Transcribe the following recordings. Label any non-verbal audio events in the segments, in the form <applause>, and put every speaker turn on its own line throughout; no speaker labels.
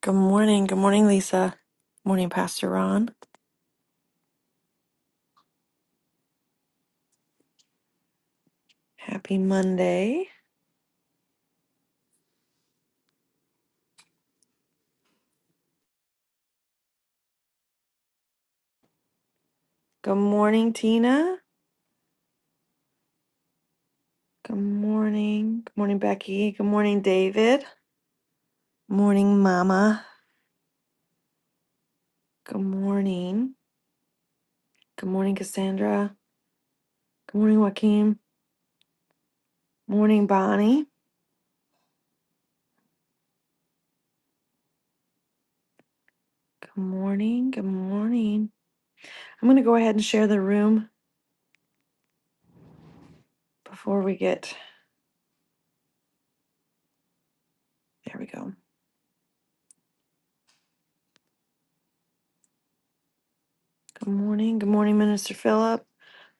Good morning. Good morning, Lisa. Morning, Pastor Ron. Happy Monday. Good morning, Tina. Good morning. Good morning, Becky. Good morning, David. Morning, Mama. Good morning. Good morning, Cassandra. Good morning, Joaquin. Morning, Bonnie. Good morning. Good morning. I'm going to go ahead and share the room before we get there. We go. Good morning. Good morning, Minister Philip.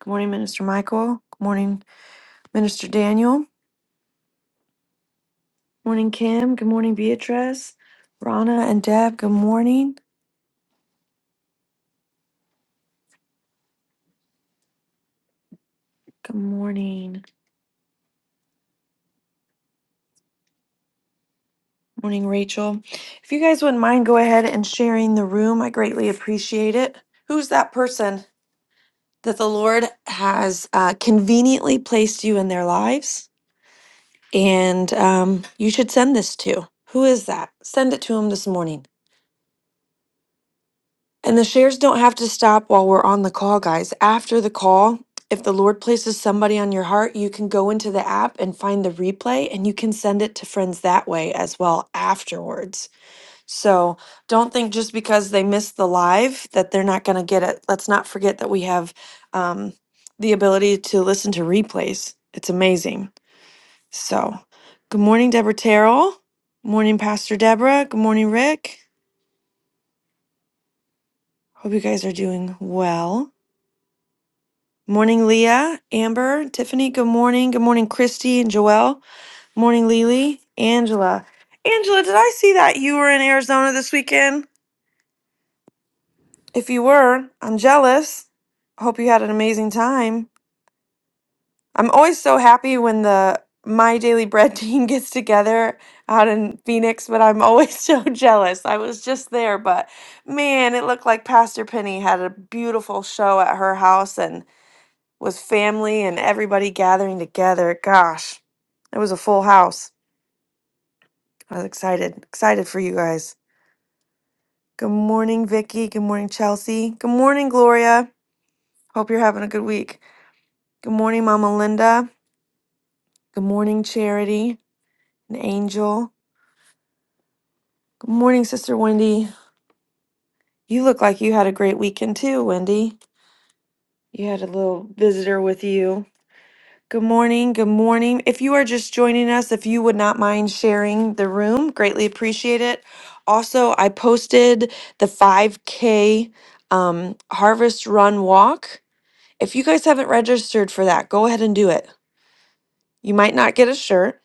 Good morning, Minister Michael. Good morning, Minister Daniel. Morning, Kim. Good morning, Beatrice. Rana and Deb, good morning. Good morning. Morning, Rachel. If you guys wouldn't mind, go ahead and sharing the room. I greatly appreciate it. Who's that person that the Lord has uh, conveniently placed you in their lives? And um, you should send this to. Who is that? Send it to them this morning. And the shares don't have to stop while we're on the call, guys. After the call, if the Lord places somebody on your heart, you can go into the app and find the replay and you can send it to friends that way as well afterwards. So don't think just because they missed the live that they're not going to get it. Let's not forget that we have um, the ability to listen to replays. It's amazing. So good morning, Deborah Terrell. Morning, Pastor Deborah. Good morning, Rick. Hope you guys are doing well. Morning, Leah, Amber, Tiffany. Good morning. Good morning, Christy and Joelle. Morning, Lily, Angela. Angela, did I see that you were in Arizona this weekend? If you were, I'm jealous. Hope you had an amazing time. I'm always so happy when the My Daily Bread team <laughs> gets together out in Phoenix, but I'm always <laughs> so jealous. I was just there, but man, it looked like Pastor Penny had a beautiful show at her house and with family and everybody gathering together. Gosh, it was a full house. I was excited, excited for you guys. Good morning, Vicky. Good morning, Chelsea. Good morning, Gloria. Hope you're having a good week. Good morning, Mama Linda. Good morning, Charity and Angel. Good morning, Sister Wendy. You look like you had a great weekend too, Wendy. You had a little visitor with you. Good morning. Good morning. If you are just joining us, if you would not mind sharing the room, greatly appreciate it. Also, I posted the 5K um, Harvest Run Walk. If you guys haven't registered for that, go ahead and do it. You might not get a shirt,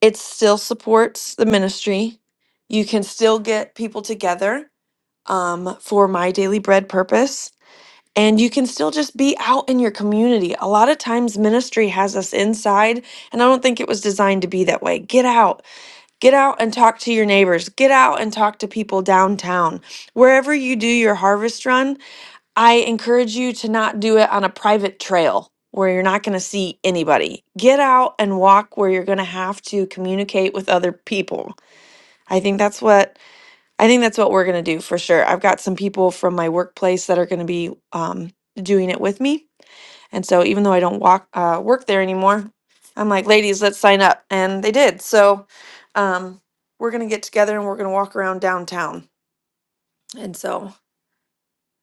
it still supports the ministry. You can still get people together um, for my daily bread purpose and you can still just be out in your community. A lot of times, ministry has us inside, and I don't think it was designed to be that way. Get out, get out and talk to your neighbors, get out and talk to people downtown. Wherever you do your harvest run, I encourage you to not do it on a private trail where you're not going to see anybody. Get out and walk where you're going to have to communicate with other people. I think that's what I think that's what we're going to do for sure. I've got some people from my workplace that are going to be um, doing it with me. And so even though I don't walk uh, work there anymore, I'm like, ladies, let's sign up. And they did. So um, we're going to get together and we're going to walk around downtown. And so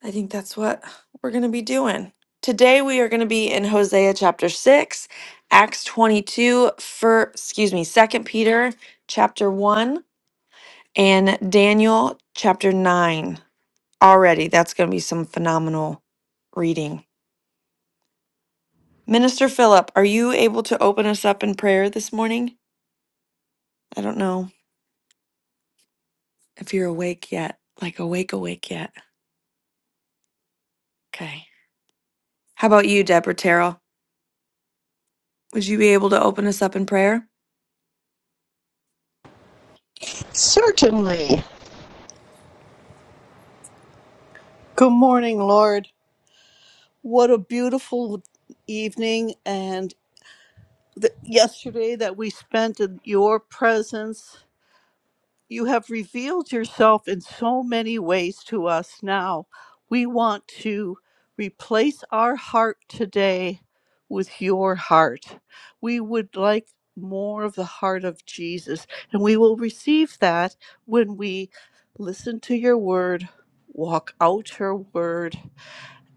I think that's what we're going to be doing. Today we are going to be in Hosea chapter 6, Acts 22 for excuse me, 2nd Peter chapter 1 and Daniel chapter 9. already. That's going to be some phenomenal reading. Minister Philip, are you able to open us up in prayer this morning? I don't know if you're awake yet, like awake, awake yet. Okay. How about you, Deborah Terrell? Would you be able to open us up in prayer?
Certainly. Good morning, Lord. What a beautiful evening and the, yesterday that we spent in your presence. You have revealed yourself in so many ways to us now. We want to replace our heart today with your heart. We would like more of the heart of Jesus, and we will receive that when we listen to your word, walk out your word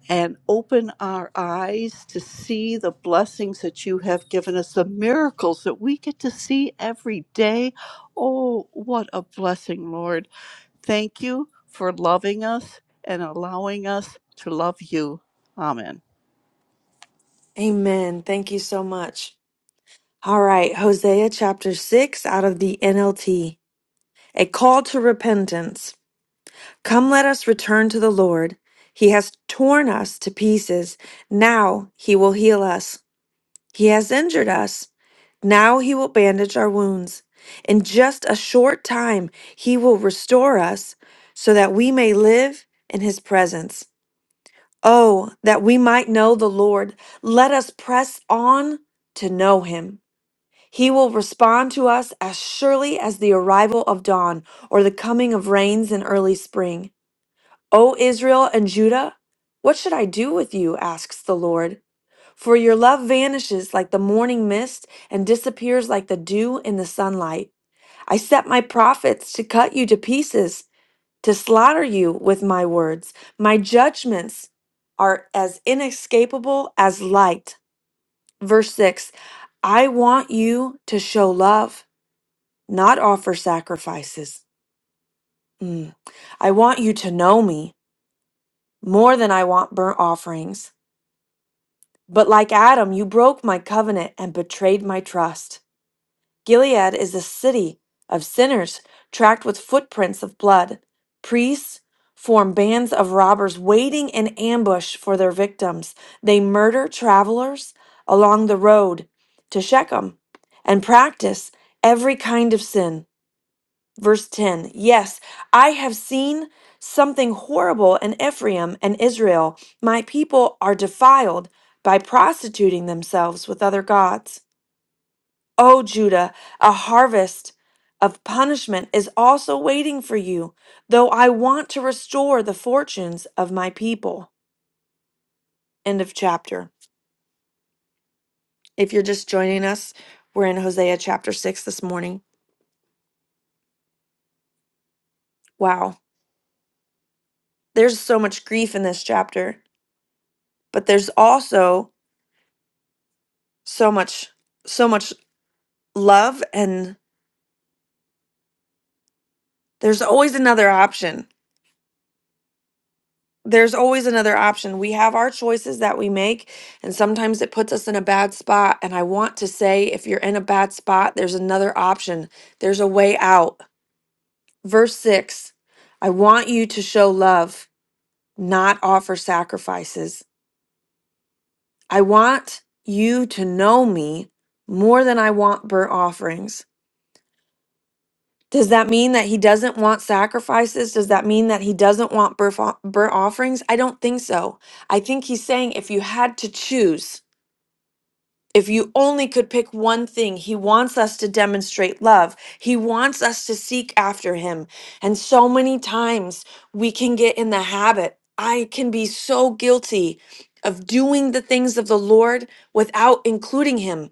and open our eyes to see the blessings that you have given us, the miracles that we get to see every day. Oh, what a blessing, Lord. Thank you for loving us and allowing us to love you. Amen.
Amen. Thank you so much. All right. Hosea chapter 6 out of the NLT. A call to repentance. Come, let us return to the Lord. He has torn us to pieces. Now he will heal us. He has injured us. Now he will bandage our wounds. In just a short time, he will restore us so that we may live in his presence. Oh, that we might know the Lord. Let us press on to know him. He will respond to us as surely as the arrival of dawn or the coming of rains in early spring. O Israel and Judah, what should I do with you? asks the Lord. For your love vanishes like the morning mist and disappears like the dew in the sunlight. I set my prophets to cut you to pieces, to slaughter you with my words. My judgments are as inescapable as light. Verse 6 I want you to show love, not offer sacrifices. Mm. I want you to know me more than I want burnt offerings. But like Adam, you broke my covenant and betrayed my trust. Gilead is a city of sinners, tracked with footprints of blood. Priests form bands of robbers waiting in ambush for their victims. They murder travelers along the road to Shechem and practice every kind of sin. Verse 10 Yes, I have seen something horrible in Ephraim and Israel. My people are defiled by prostituting themselves with other gods. O Judah, a harvest of punishment is also waiting for you, though I want to restore the fortunes of my people. End of chapter. If you're just joining us, we're in Hosea chapter 6 this morning. Wow. There's so much grief in this chapter, but there's also so much so much love and there's always another option. there's always another option. We have our choices that we make, and sometimes it puts us in a bad spot. And I want to say, if you're in a bad spot, there's another option, there's a way out. Verse six I want you to show love, not offer sacrifices. I want you to know me more than I want burnt offerings. Does that mean that he doesn't want sacrifices? Does that mean that he doesn't want burf- burnt offerings? I don't think so. I think he's saying if you had to choose, If you only could pick one thing, he wants us to demonstrate love. He wants us to seek after him. And so many times we can get in the habit. I can be so guilty of doing the things of the Lord without including him.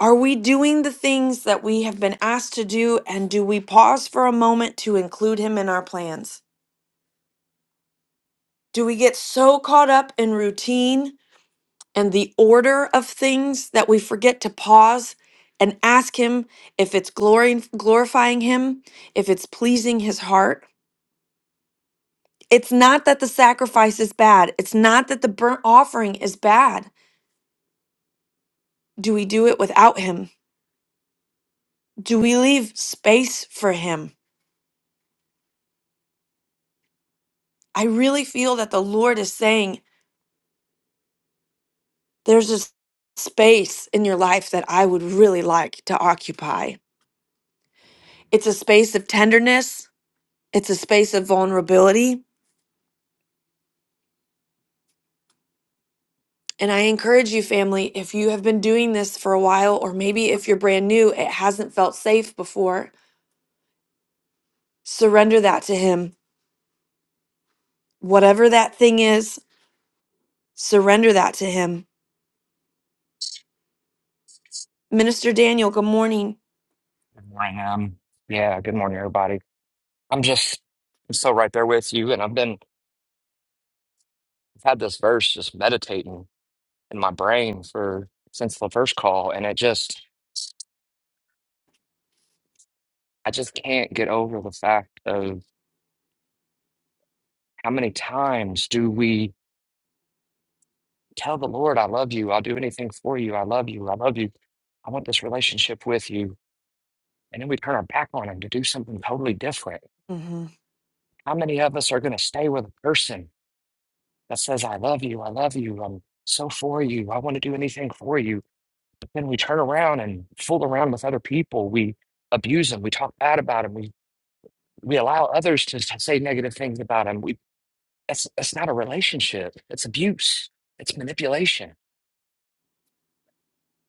Are we doing the things that we have been asked to do? And do we pause for a moment to include him in our plans? Do we get so caught up in routine and the order of things that we forget to pause and ask him if it's glory, glorifying him, if it's pleasing his heart. It's not that the sacrifice is bad. It's not that the burnt offering is bad. Do we do it without him? Do we leave space for him? I really feel that the Lord is saying there's a s- space in your life that I would really like to occupy. It's a space of tenderness, it's a space of vulnerability, And I encourage you, family, if you have been doing this for a while, or maybe if you're brand new, it hasn't felt safe before, surrender that to Him. Whatever that thing is, surrender that to Him. Minister Daniel, good morning.
Good morning. Um, yeah, good morning, everybody. I'm just I'm so right there with you, and I've been I've had this verse just meditating in my brain for since the first call, and it just I just can't get over the fact of how many times do we tell the Lord, "I love you. I'll do anything for you. I love you. I love you. I want this relationship with you," and then we turn our back on Him to do something totally different.
hmm
How many of us are going to stay with a person that says, "I love you. I love you. I'm so for you. I want to do anything for you." But then we turn around and fool around with other people. We abuse them. We talk bad about them. We we allow others to s- say negative things about them. We that's that's not a relationship. It's abuse. It's manipulation.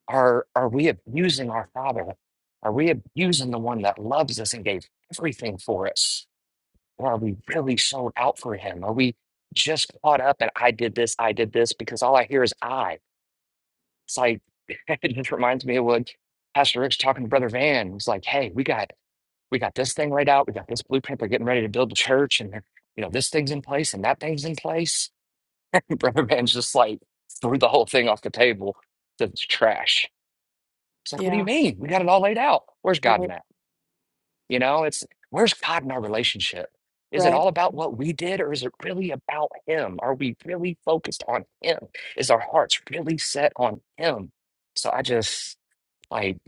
Are are we abusing our Father? Are we abusing the one that loves us and gave everything for us? Or are we really sold out for Him? Are we just caught up and I did this, I did this because all I hear is I. It's like <laughs> it just reminds me of what Pastor Rick's talking to Brother Van. He's like, hey, we got we got this thing laid out. We got this blueprint. They're getting ready to build the church, and you know this thing's in place and that thing's in place. <laughs> Brother Ben's just like threw the whole thing off the table to the trash. It's like, what do you
Yeah,
mean? We got it all laid out. Where's God in
right,
that? You know, it's where's God in our relationship? Is it
right.
all about what we did, or is it really about Him? Are we really focused on Him? Is our hearts really set on Him? So I just like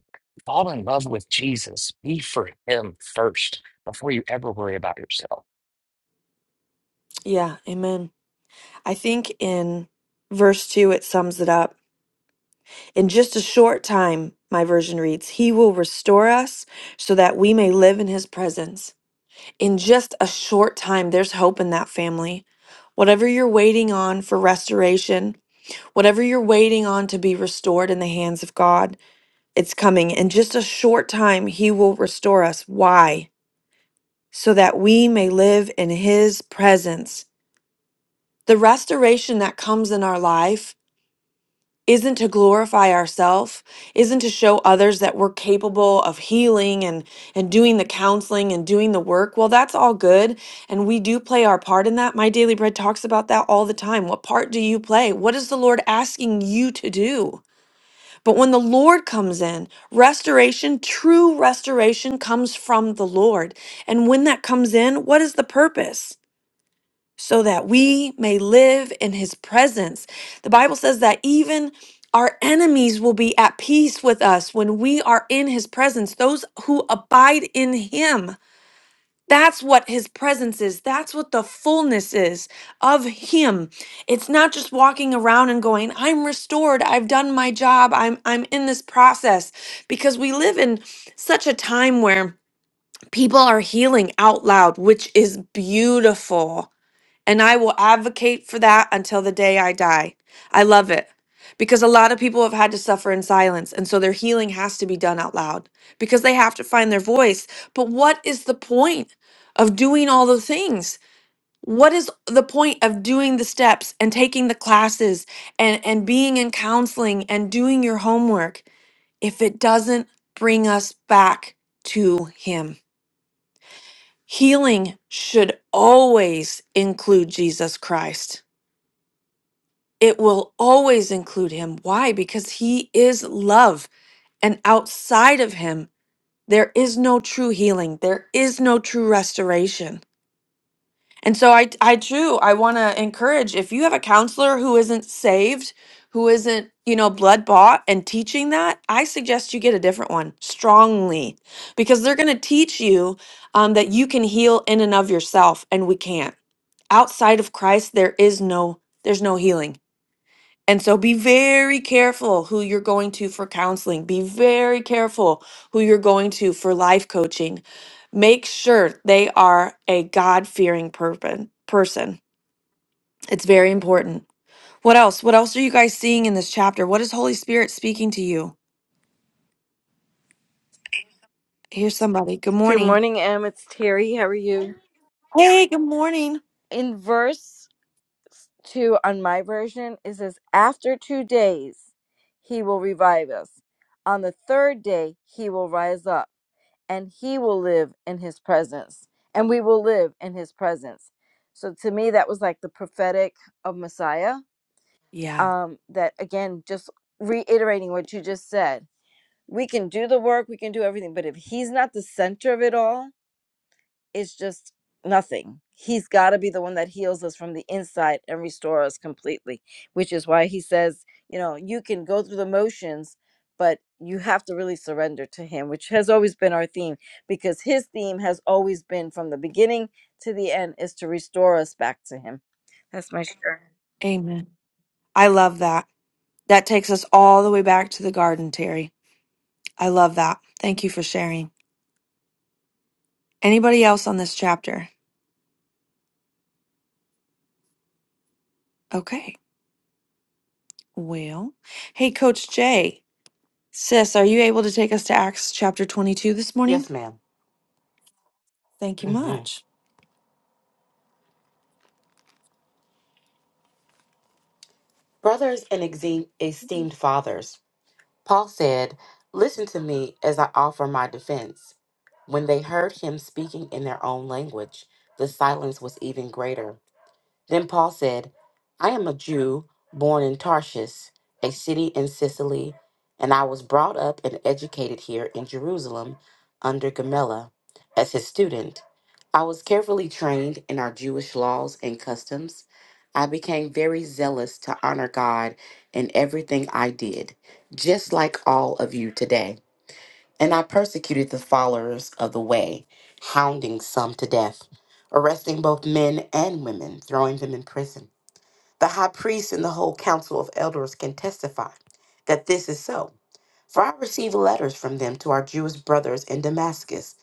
fall in love with Jesus. Be for Him first before you ever worry about yourself
Yeah, amen. I think in verse 2, it sums it up. In just a short time, my version reads, He will restore us so that we may live in His presence. in just a short time, there's hope in that family. Whatever you're waiting on for restoration, whatever you're waiting on to be restored in the hands of God, it's coming. In just a short time, He will restore us. Why? So that we may live in His presence. The restoration that comes in our life isn't to glorify ourselves, isn't to show others that we're capable of healing and and doing the counseling and doing the work. Well, that's all good and we do play our part in that. My daily bread talks about that all the time. What part do you play? What is the Lord asking you to do? But when the Lord comes in, restoration, true restoration comes from the Lord. And when that comes in, what is the purpose? so that we may live in his presence. The Bible says that even our enemies will be at peace with us when we are in his presence, those who abide in him. That's what his presence is. That's what the fullness is of him. It's not just walking around and going, I'm restored. I've done my job. I'm I'm in this process because we live in such a time where people are healing out loud, which is beautiful and I will advocate for that until the day I die. I love it because a lot of people have had to suffer in silence, and so their healing has to be done out loud because they have to find their voice. But what is the point of doing all the things? What is the point of doing the steps and taking the classes and, and being in counseling and doing your homework if it doesn't bring us back to Him? Healing should always include Jesus Christ it will always include him. Why? Because he is love. And outside of him, there is no true healing, there is no true restoration. And so I I do I want to encourage if you have a counselor who isn't saved, who isn't, you know, blood bought and teaching that, I suggest you get a different one strongly because they're going to teach you um, that you can heal in and of yourself and we can't. Outside of Christ there is no there's no healing. And so be very careful who you're going to for counseling. Be very careful who you're going to for life coaching. Make sure they are a God fearing person. It's very important. What else? What else are you guys seeing in this chapter? What is Holy Spirit speaking to you? Here's somebody. Good
Good
morning.
morning, Em. It's Terry. How are you?
Hey, good morning.
In verse 2 on my version, it says, After two days, he will revive us. On the third day, he will rise up, and he will live in his presence, and we will live in his presence. So to me, that was like the prophetic of Messiah.
Yeah.
Um, that again, just reiterating what you just said, we can do the work, we can do everything, but if he's not the center of it all, it's just nothing. He's got to be the one that heals us from the inside and restores us completely, which is why he says, you know, you can go through the motions, but you have to really surrender to him, which has always been our theme because his theme has always been from the beginning to the end is to restore us back to him. That's my share.
Amen. I love that. That takes us all the way back to the garden, Terry. I love that. Thank you for sharing. Anybody else on this chapter? Okay. Well, hey, Coach Jay, sis, are you able to take us to Acts chapter 22 this morning?
Yes, madam
Thank you
Mm-hmm.
much.
Brothers and exe- esteemed fathers, Paul said, Listen to me as I offer my defense. When they heard him speaking in their own language, the silence was even greater. Then Paul said, I am a Jew born in Tarshish, a city in Sicily, and I was brought up and educated here in Jerusalem under Gamaliel as his student. I was carefully trained in our Jewish laws and customs. I became very zealous to honor God in everything I did, just like all of you today. And I persecuted the followers of the way, hounding some to death, arresting both men and women, throwing them in prison. The high priest and the whole council of elders can testify that this is so. For I received letters from them to our Jewish brothers in Damascus,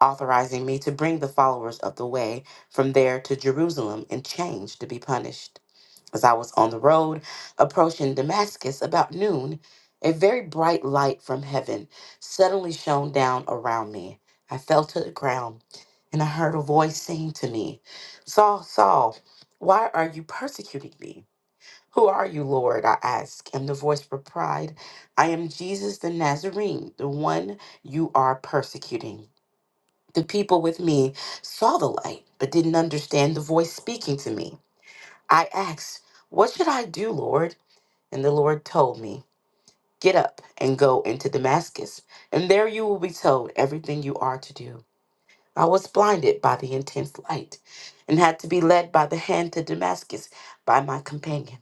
authorizing me to bring the followers of the way from there to Jerusalem in chains to be punished. As I was on the road approaching Damascus about noon, a very bright light from heaven suddenly shone down around me. I fell to the ground, and I heard a voice saying to me, Saul, Saul, why are you persecuting me? Who are you, Lord? I asked, and the voice replied, I am Jesus the Nazarene, the one you are persecuting. The people with me saw the light, but didn't understand the voice speaking to me. I asked, What should I do, Lord? And the Lord told me, Get up and go into Damascus, and there you will be told everything you are to do. I was blinded by the intense light and had to be led by the hand to Damascus by my companions.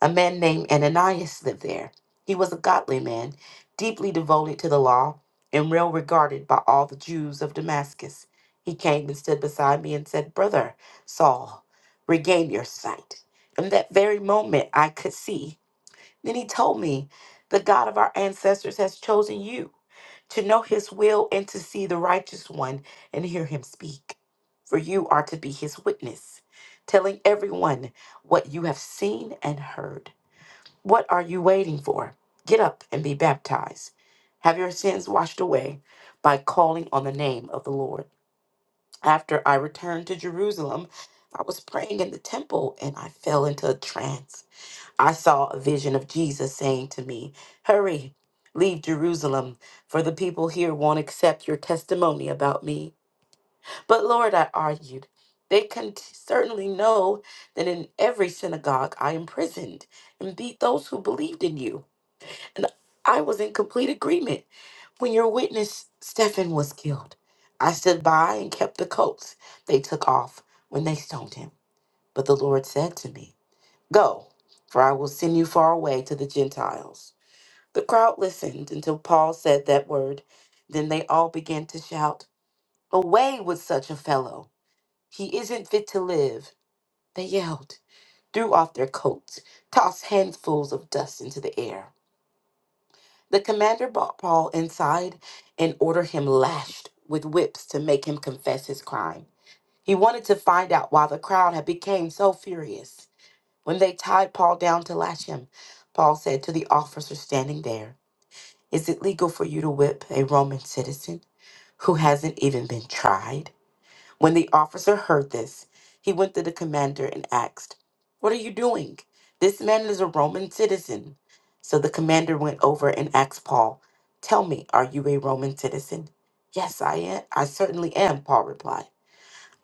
A man named Ananias lived there. He was a godly man, deeply devoted to the law, and well regarded by all the Jews of Damascus. He came and stood beside me and said, Brother Saul, regain your sight. In that very moment, I could see. Then he told me, The God of our ancestors has chosen you to know his will and to see the righteous one and hear him speak. For you are to be his witness, telling everyone what you have seen and heard. What are you waiting for? Get up and be baptized. Have your sins washed away by calling on the name of the Lord. After I returned to Jerusalem, I was praying in the temple and I fell into a trance. I saw a vision of Jesus saying to me, Hurry, leave Jerusalem, for the people here won't accept your testimony about me. But Lord, I argued, they can t- certainly know that in every synagogue I imprisoned and beat those who believed in you. And I was in complete agreement when your witness, Stephen, was killed. I stood by and kept the coats they took off when they stoned him. But the Lord said to me, Go, for I will send you far away to the Gentiles. The crowd listened until Paul said that word. Then they all began to shout, Away with such a fellow! He isn't fit to live. They yelled, threw off their coats, tossed handfuls of dust into the air. The commander brought Paul inside and ordered him lashed with whips to make him confess his crime. He wanted to find out why the crowd had become so furious. When they tied Paul down to lash him, Paul said to the officer standing there, "Is it legal for you to whip a Roman citizen who hasn't even been tried? When the officer heard this, he went to the commander and asked, What are you doing? This man is a Roman citizen. So the commander went over and asked Paul, Tell me, are you a Roman citizen? Yes, I am. I certainly am, Paul replied.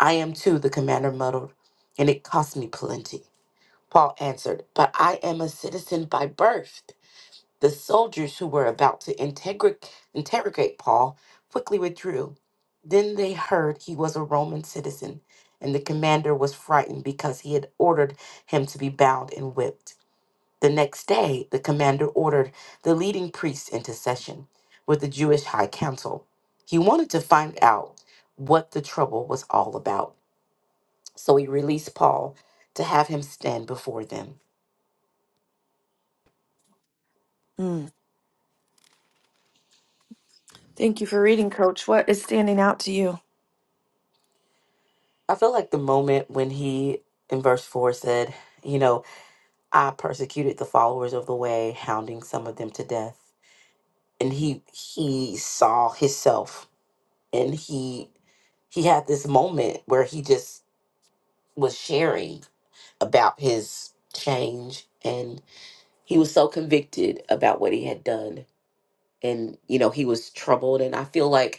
I am too, the commander muttered, and it cost me plenty. Paul answered, But I am a citizen by birth. The soldiers who were about to integri- interrogate Paul quickly withdrew. Then they heard he was a Roman citizen, and the commander was frightened because he had ordered him to be bound and whipped. The next day, the commander ordered the leading priests into session with the Jewish high council. He wanted to find out what the trouble was all about, so he released Paul to have him stand before them.
Mm. Thank you for reading, Coach. What is standing out to you?
I feel like the moment when he, in verse 4, said, you know, I persecuted the followers of the way, hounding some of them to death. And he he saw himself and he he had this moment where he just was sharing about his change and he was so convicted about what he had done. And you know, he was troubled and I feel like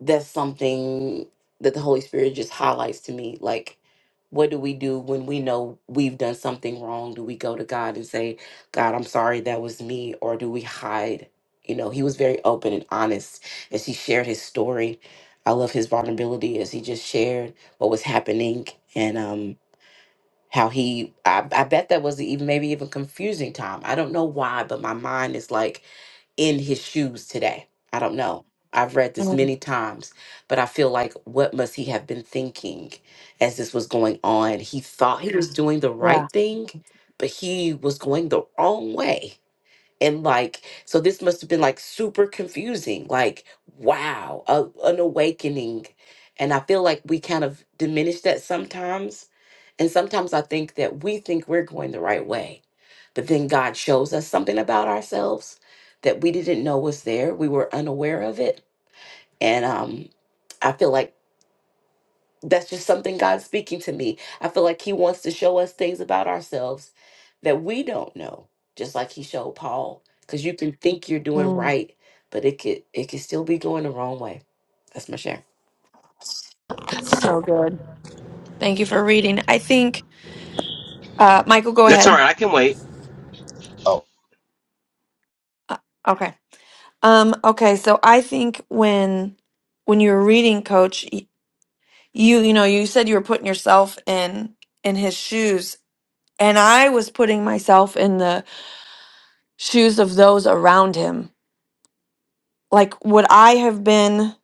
that's something that the Holy Spirit just highlights to me. Like, what do we do when we know we've done something wrong? Do we go to God and say, God, I'm sorry that was me? Or do we hide? You know, he was very open and honest as he shared his story. I love his vulnerability as he just shared what was happening and um how he I, I bet that was even maybe even confusing time. I don't know why, but my mind is like in his shoes today. I don't know. I've read this
Mm,
many times, but I feel like what must he have been thinking as this was going on? He thought he was Yeah. doing the
Yeah.
right thing, but he was going the wrong way and like so this must have been like super confusing like wow a, an awakening and i feel like we kind of diminish that sometimes and sometimes i think that we think we're going the right way but then god shows us something about ourselves that we didn't know was there we were unaware of it and um i feel like that's just something God's speaking to me. I feel like He wants to show us things about ourselves that we don't know, just like He showed Paul. Because you can think you're doing
Mm,
right, but it could it could still be going the wrong way. That's my share.
That's so good. Thank you for reading. I think, uh, Michael, go
That's all
ahead.
right. I can wait.
Oh,
Uh, okay. Um, okay. So I think when when you were reading, Coach, y- you you know you said you were putting yourself in in his shoes, and I was putting myself in the shoes of those around him. Like, would I have been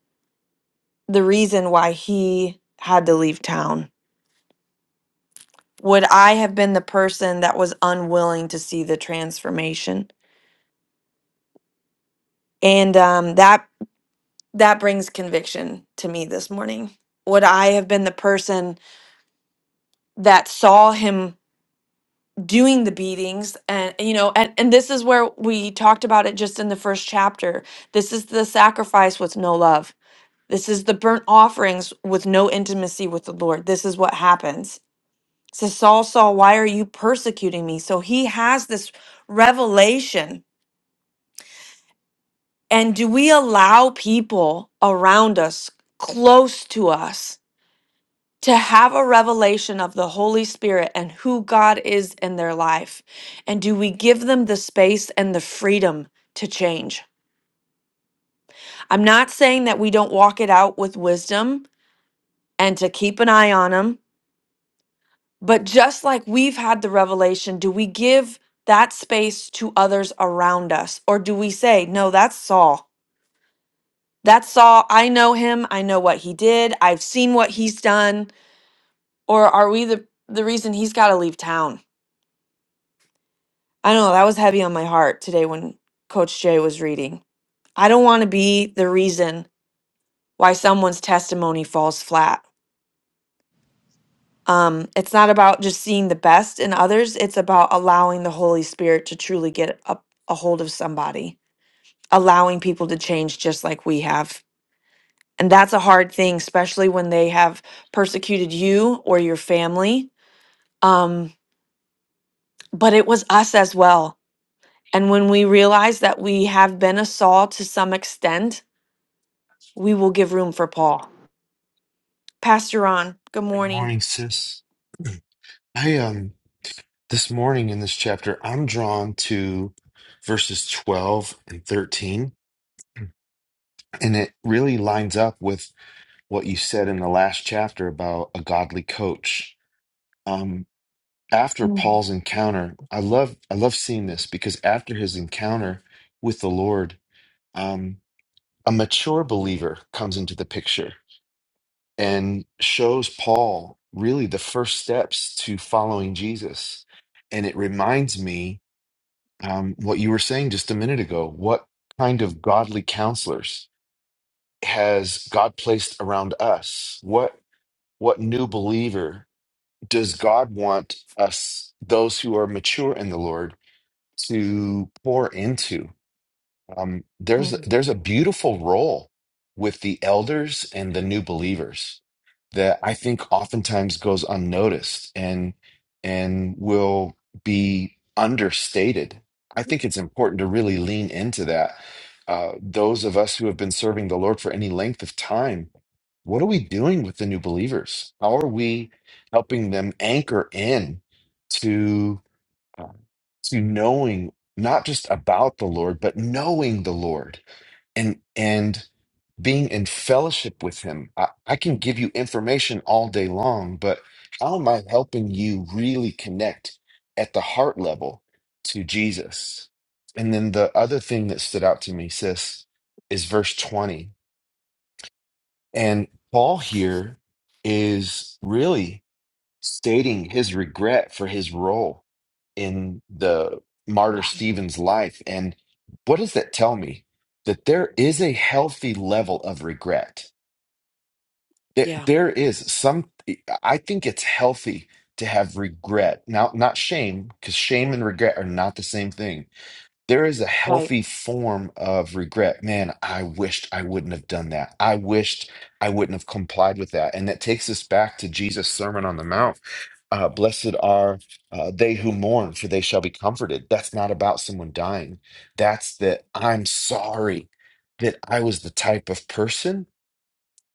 the reason why he had to leave town? Would I have been the person that was unwilling to see the transformation? And um, that that brings conviction to me this morning. Would I have been the person that saw him doing the beatings? And you know, and, and this is where we talked about it just in the first chapter. This is the sacrifice with no love This is the burnt offerings with no intimacy with the Lord. This is what happens. It says, Saul, Saul, why are you persecuting me? So he has this revelation. And do we allow people around us, close to us, to have a revelation of the Holy Spirit and who God is in their life? And do we give them the space and the freedom to change? I'm not saying that we don't walk it out with wisdom and to keep an eye on them But just like we've had the revelation, do we give that space to others around us? Or do we say, no, that's Saul? That's Saul. I know him. I know what he did. I've seen what he's done. Or are we the, the reason he's got to leave town? I don't know. That was heavy on my heart today when Coach Jay was reading. I don't want to be the reason why someone's testimony falls flat. Um, it's not about just seeing the best in others, it's about allowing the Holy Spirit to truly get a, a hold of somebody allowing people to change just like we have. And that's a hard thing, especially when they have persecuted you or your family. Um, but it was us as well. And when we realize that we have been a Saul to some extent, we will give room for Paul. Pastor on. Good
Good
morning.
morning, sis. I um this morning in this chapter, I'm drawn to verses 12 and 13, and it really lines up with what you said in the last chapter about a godly coach. Um after
Mm,
Paul's encounter, I love I love seeing this because after his encounter with the Lord, um a mature believer comes into the picture and shows Paul really the first steps to following Jesus. And it reminds me um, what you were saying just a minute ago. What kind of godly counselors has God placed around us? What what new believer does God want us, those who are mature in the Lord, to pour into? Um, there's
mm.
there's a beautiful role with the elders and the new believers that I think oftentimes goes unnoticed and and will be understated. I think it's important to really lean into that. Uh, those of us who have been serving the Lord for any length of time, what are we doing with the new believers? How are we helping them anchor in uh, to knowing not just about the Lord, but knowing the Lord and and being in fellowship with Him. I, I can give you information all day long, but how am I helping you really connect at the heart level to Jesus? And then the other thing that stood out to me, sis, is verse 20. And Paul here is really stating his regret for his role in the martyr
Yeah.
Stephen's life. And what does that tell me? That there is a healthy level of regret. That
Yeah.
there is some, I think it's healthy to have regret. Now, not shame, because shame and regret are not the same thing there is a
Right.
healthy form of regret. Man, I wished I wouldn't have done that. I wished I wouldn't have complied with that. And that takes us back to Jesus' Sermon on the Mount. Uh, blessed are uh, they who mourn, for they shall be comforted. That's not about someone dying. That's that I'm sorry that I was the type of person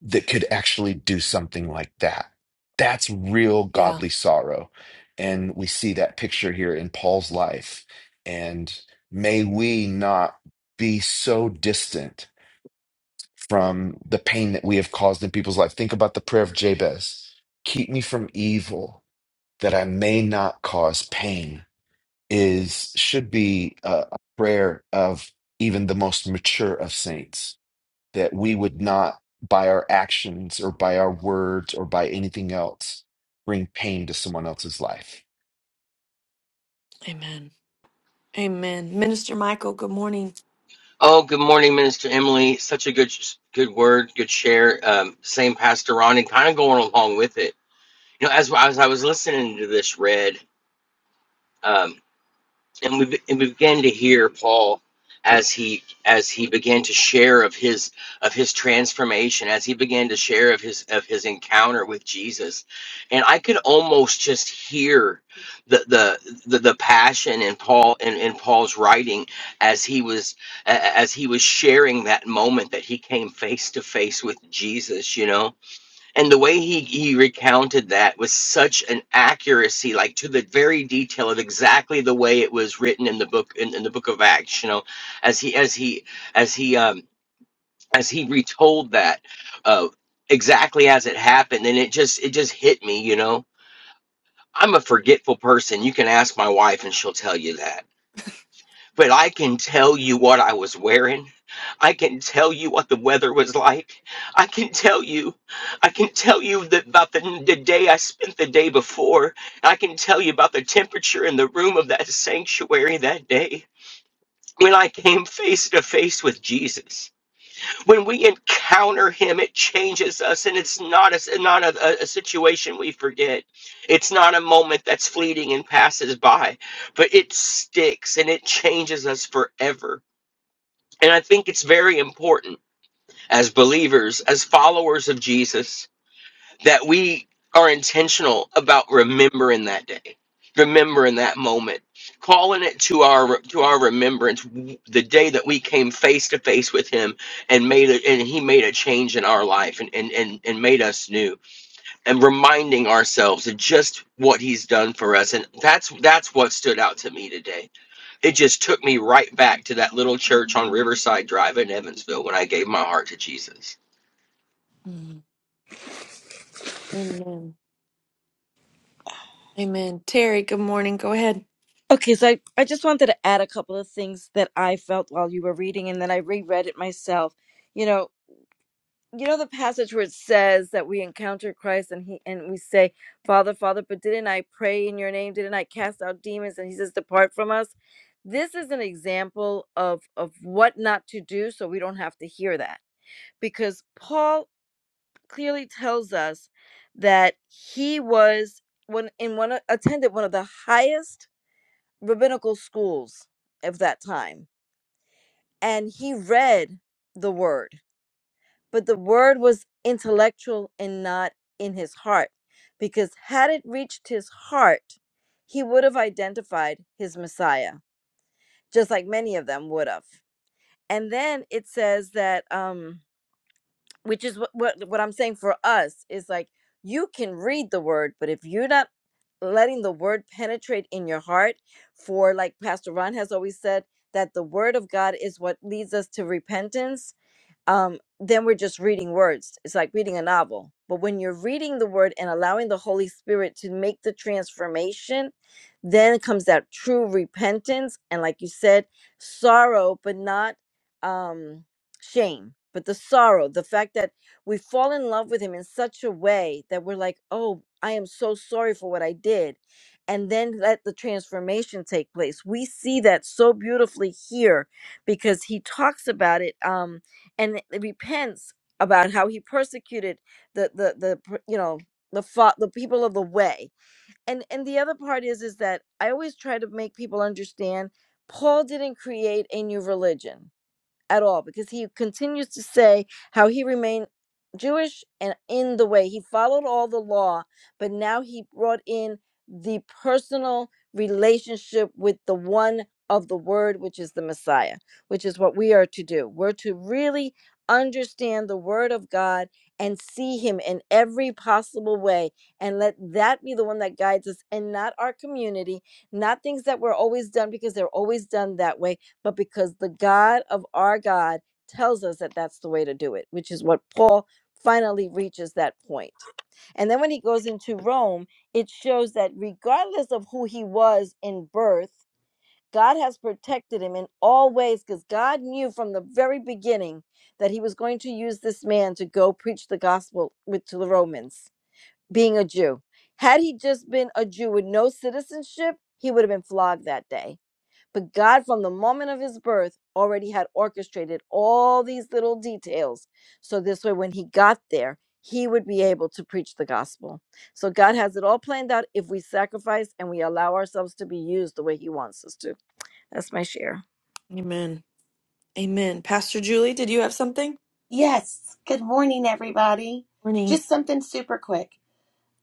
that could actually do something like that. That's real
Yeah.
godly sorrow. And we see that picture here in Paul's life. And may we not be so distant from the pain that we have caused in people's life. Think about the prayer of Jabez keep me from evil that I may not cause pain is should be a, a prayer of even the most mature of saints that we would not, by our actions or by our words or by anything else, bring pain to someone else's life.
Amen. Amen. Minister Michael, good morning.
Oh, good morning, Minister Emily. Such a good, good word, good share. Um, same Pastor Ron, and kind of going along with it. You know, as as I was listening to this read, um, and we, and we began to hear Paul as he as he began to share of his of his transformation as he began to share of his of his encounter with Jesus and I could almost just hear the the the, the passion in Paul in, in Paul's writing as he was a- as he was sharing that moment that he came face to face with Jesus you know and the way he he recounted that was such an accuracy like to the very detail of exactly the way it was written in the book in, in the book of acts you know as he as he as he um as he retold that uh exactly as it happened and it just it just hit me you know i'm a forgetful person you can ask my wife and she'll tell you that but I can tell you what I was wearing. I can tell you what the weather was like. I can tell you, I can tell you that about the, the day I spent the day before. I can tell you about the temperature in the room of that sanctuary that day. When I came face to face with Jesus, when we encounter Him, it changes us, and it's not a not a a situation we forget. It's not a moment that's fleeting and passes by, but it sticks and it changes us forever and I think it's very important as believers, as followers of Jesus, that we are intentional about remembering that day, remembering that moment, calling it to our to our remembrance the day that we came face to face with him and made it and he made a change in our life and, and and and made us new and reminding ourselves of just what he's done for us and that's that's what stood out to me today it just took me right back to that little church on Riverside Drive in Evansville when I gave my heart to Jesus.
Mm. Amen. Amen. Terry, good morning. Go ahead.
Okay, so I, I just wanted to add a couple of things that I felt while you were reading, and then I reread it myself. You know, you know the passage where it says that we encounter Christ and he and we say, "Father, Father, but didn't I pray in your name? Didn't I cast out demons?" And he says, "Depart from us." This is an example of of what not to do so we don't have to hear that. Because Paul clearly tells us that he was when in one attended one of the highest rabbinical schools of that time and he read the word but the word was intellectual and not in his heart because had it reached his heart he would have identified his messiah just like many of them would have and then it says that um which is what what, what i'm saying for us is like you can read the word but if you're not letting the word penetrate in your heart for like pastor ron has always said that the word of god is what leads us to repentance um, then we're just reading words. It's like reading a novel. But when you're reading the word and allowing the Holy Spirit to make the transformation, then comes that true repentance. And like you said, sorrow, but not um, shame, but the sorrow, the fact that we fall in love with Him in such a way that we're like, oh, I am so sorry for what I did. And then let the transformation take place. We see that so beautifully here because He talks about it. Um, and it repents about how he persecuted the the the per- you know the fa- the people of the way and and the other part is is that i always try to make people understand paul didn't create a new religion at all because he continues to say how he remained Jewish and in the way he followed all the law, but now he brought in the personal relationship with the one of the word, which is the Messiah, which is what we are to do. We're to really understand the word of God and see him in every possible way and let that be the one that guides us and not our community, not things that were always done because they're always done that way but because the God of our God tells us that that's the way to do it, which is what Paul finally reaches that point. And then when he goes into Rome, it shows that regardless of who he was in birth, God has protected him in all ways because God knew from the very beginning that he was going to use this man to go preach the gospel with to the Romans, being a Jew. Had he just been a Jew with no citizenship, he would have been flogged that day but God, from the moment of his birth, already had orchestrated all these little details. So this way, when he got there, he would be able to preach the gospel. So God has it all planned out if we sacrifice and we allow ourselves to be used the way he wants us to. That's my share.
Amen. Amen. Pastor Julie, did you have something?
Yes. Good morning, everybody.
Morning.
Just something super quick.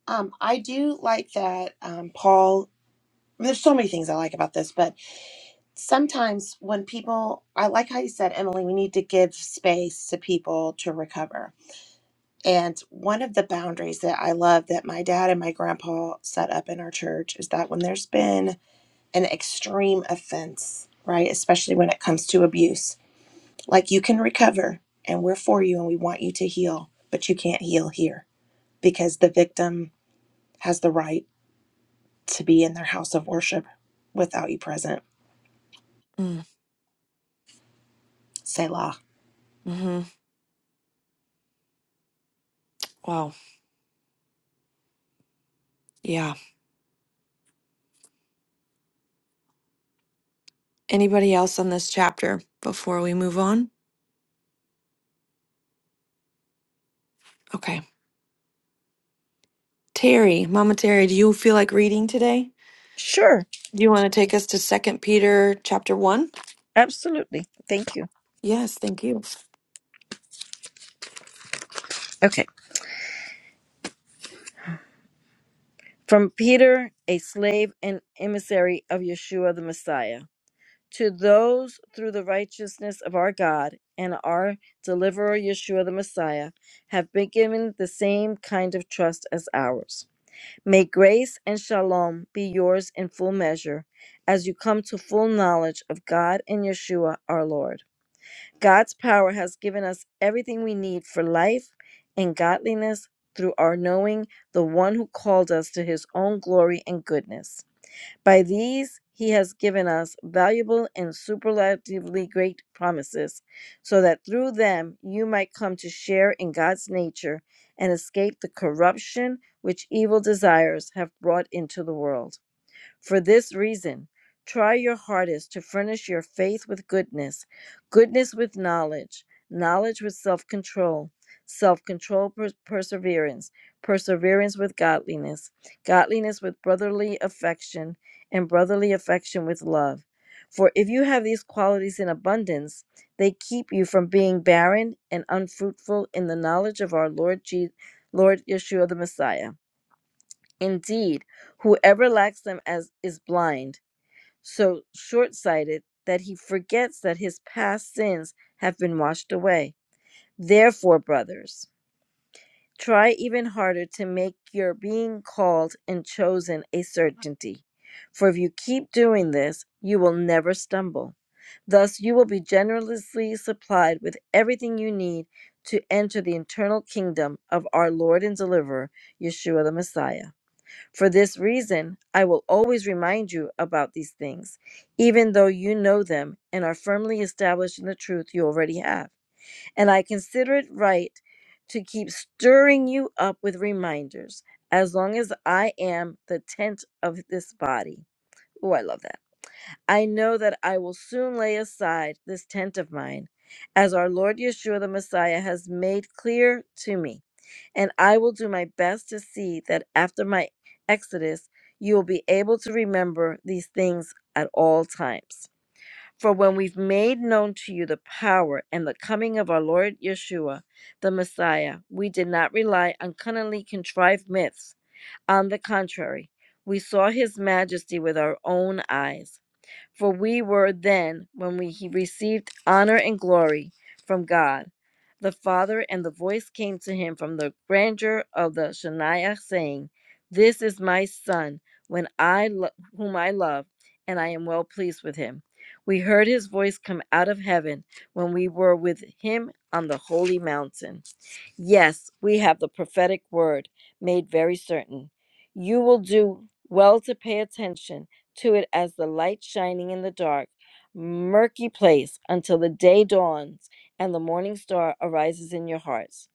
Um, I do like that, um, Paul. There's so many things I like about this, but sometimes when people, I like how you said, Emily, we need to give space to people to recover. And one of the boundaries that I love that my dad and my grandpa set up in our church is that when there's been an extreme offense, right, especially when it comes to abuse, like you can recover and we're for you and we want you to heal, but you can't heal here because the victim has the right to be in their house of worship without you present.
Mm,
Selah.
hmm Wow. Yeah. Anybody else on this chapter before we move on? Okay. Terry, Mama Terry, do you feel like reading today?
Sure.
Do you want to take us to Second Peter chapter one?
Absolutely. Thank you.
Yes, thank you.
Okay. From Peter, a slave and emissary of Yeshua the Messiah. to those through the righteousness of our God and our deliverer Yeshua the Messiah have been given the same kind of trust as ours. May grace and shalom be yours in full measure as you come to full knowledge of God and Yeshua our Lord. God's power has given us everything we need for life and godliness through our knowing the one who called us to his own glory and goodness. By these he has given us valuable and superlatively great promises, so that through them you might come to share in God's nature and escape the corruption which evil desires have brought into the world. For this reason, try your hardest to furnish your faith with goodness, goodness with knowledge, knowledge with self control, self control perseverance, perseverance with godliness, godliness with brotherly affection, and brotherly affection with love. For if you have these qualities in abundance, they keep you from being barren and unfruitful in the knowledge of our Lord, Je- Lord Yeshua the Messiah. Indeed, whoever lacks them as is blind, so short-sighted that he forgets that his past sins have been washed away. Therefore, brothers, try even harder to make your being called and chosen a certainty. For if you keep doing this, you will never stumble. Thus, you will be generously supplied with everything you need to enter the eternal kingdom of our Lord and Deliverer, Yeshua the Messiah. For this reason, I will always remind you about these things, even though you know them and are firmly established in the truth you already have. And I consider it right to keep stirring you up with reminders as long as I am the tent of this body. Oh, I love that. I know that I will soon lay aside this tent of mine, as our Lord Yeshua the Messiah has made clear to me, and I will do my best to see that after my exodus, you will be able to remember these things at all times. For when we've made known to you the power and the coming of our Lord Yeshua, the Messiah, we did not rely on cunningly contrived myths. On the contrary, we saw his majesty with our own eyes for we were then, when we he received honor and glory from God, the Father, and the voice came to him from the grandeur of the Shaniah, saying, This is my Son, when I lo- whom I love, and I am well pleased with him. We heard his voice come out of heaven when we were with him on the holy mountain. Yes, we have the prophetic word made very certain. You will do well to pay attention to it as the light shining in the dark, murky place until the day dawns and the morning star arises in your hearts.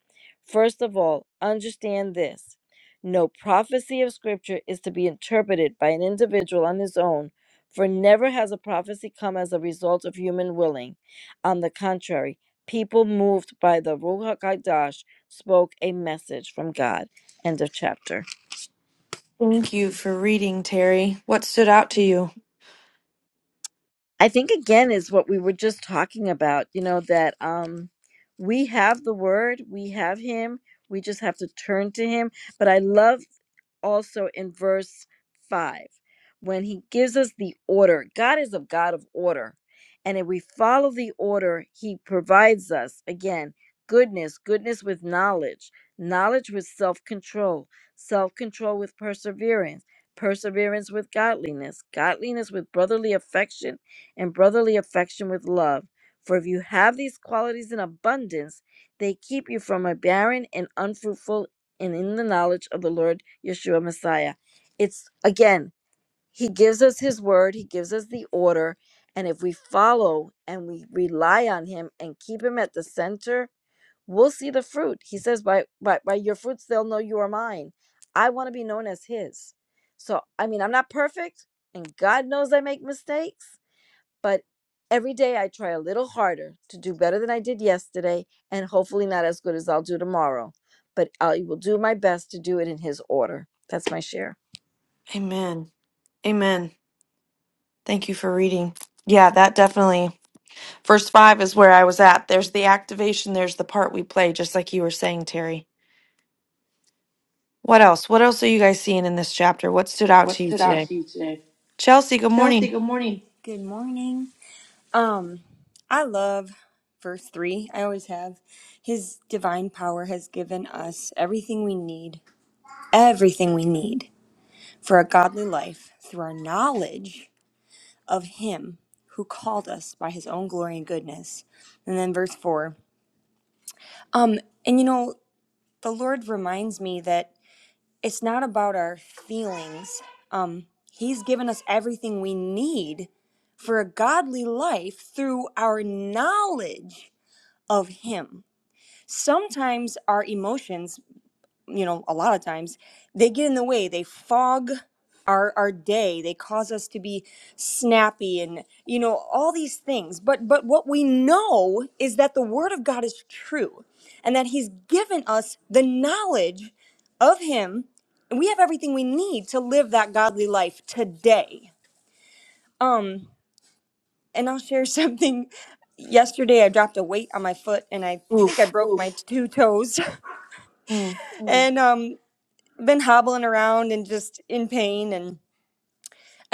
First of all, understand this no prophecy of Scripture is to be interpreted by an individual on his own, for never has a prophecy come as a result of human willing. On the contrary, people moved by the Ruach HaKodesh spoke a message from God. End of chapter.
Thank you for reading, Terry. What stood out to you?
I think again is what we were just talking about, you know, that um we have the word, we have him, we just have to turn to him. But I love also in verse 5 when he gives us the order. God is a God of order. And if we follow the order, he provides us again goodness, goodness with knowledge, knowledge with self control, self control with perseverance, perseverance with godliness, godliness with brotherly affection, and brotherly affection with love. For if you have these qualities in abundance, they keep you from a barren and unfruitful and in the knowledge of the Lord Yeshua Messiah. It's again, He gives us His word, He gives us the order. And if we follow and we rely on Him and keep Him at the center, we'll see the fruit. He says, By, by, by your fruits, they'll know you are mine. I want to be known as His. So, I mean, I'm not perfect, and God knows I make mistakes but every day I try a little harder to do better than I did yesterday and hopefully not as good as I'll do tomorrow. But I will do my best to do it in His order. That's my share.
Amen. Amen. Thank you for reading. Yeah, that definitely. Verse five is where I was at. There's the activation, there's the part we play, just like you were saying, Terry. What else? What else are you guys seeing in this chapter? What stood out
What
to you
stood out
today?
to you today?
Chelsea, good
Chelsea,
morning.
good morning. Good morning. Um, I love three. I always have. His divine power has given us everything we need, everything we need for a godly life through our knowledge of Him who called us by His own glory and goodness. And then verse four. Um, and you know, the Lord reminds me that. it's not about our feelings. Um, he's given us everything we need for a godly life through our knowledge of Him. Sometimes our emotions you know, a lot of times, they get in the way. They fog our our day. They cause us to be snappy and you know, all these things. But but what we know is that the word of God is true and that he's given us the knowledge of him and we have everything we need to live that godly life today. Um and I'll share <laughs> something yesterday I dropped a weight on my foot and I think I
Oof.
broke Oof. my two toes <laughs>
Mm,
Mm. and um been hobbling around and just in pain and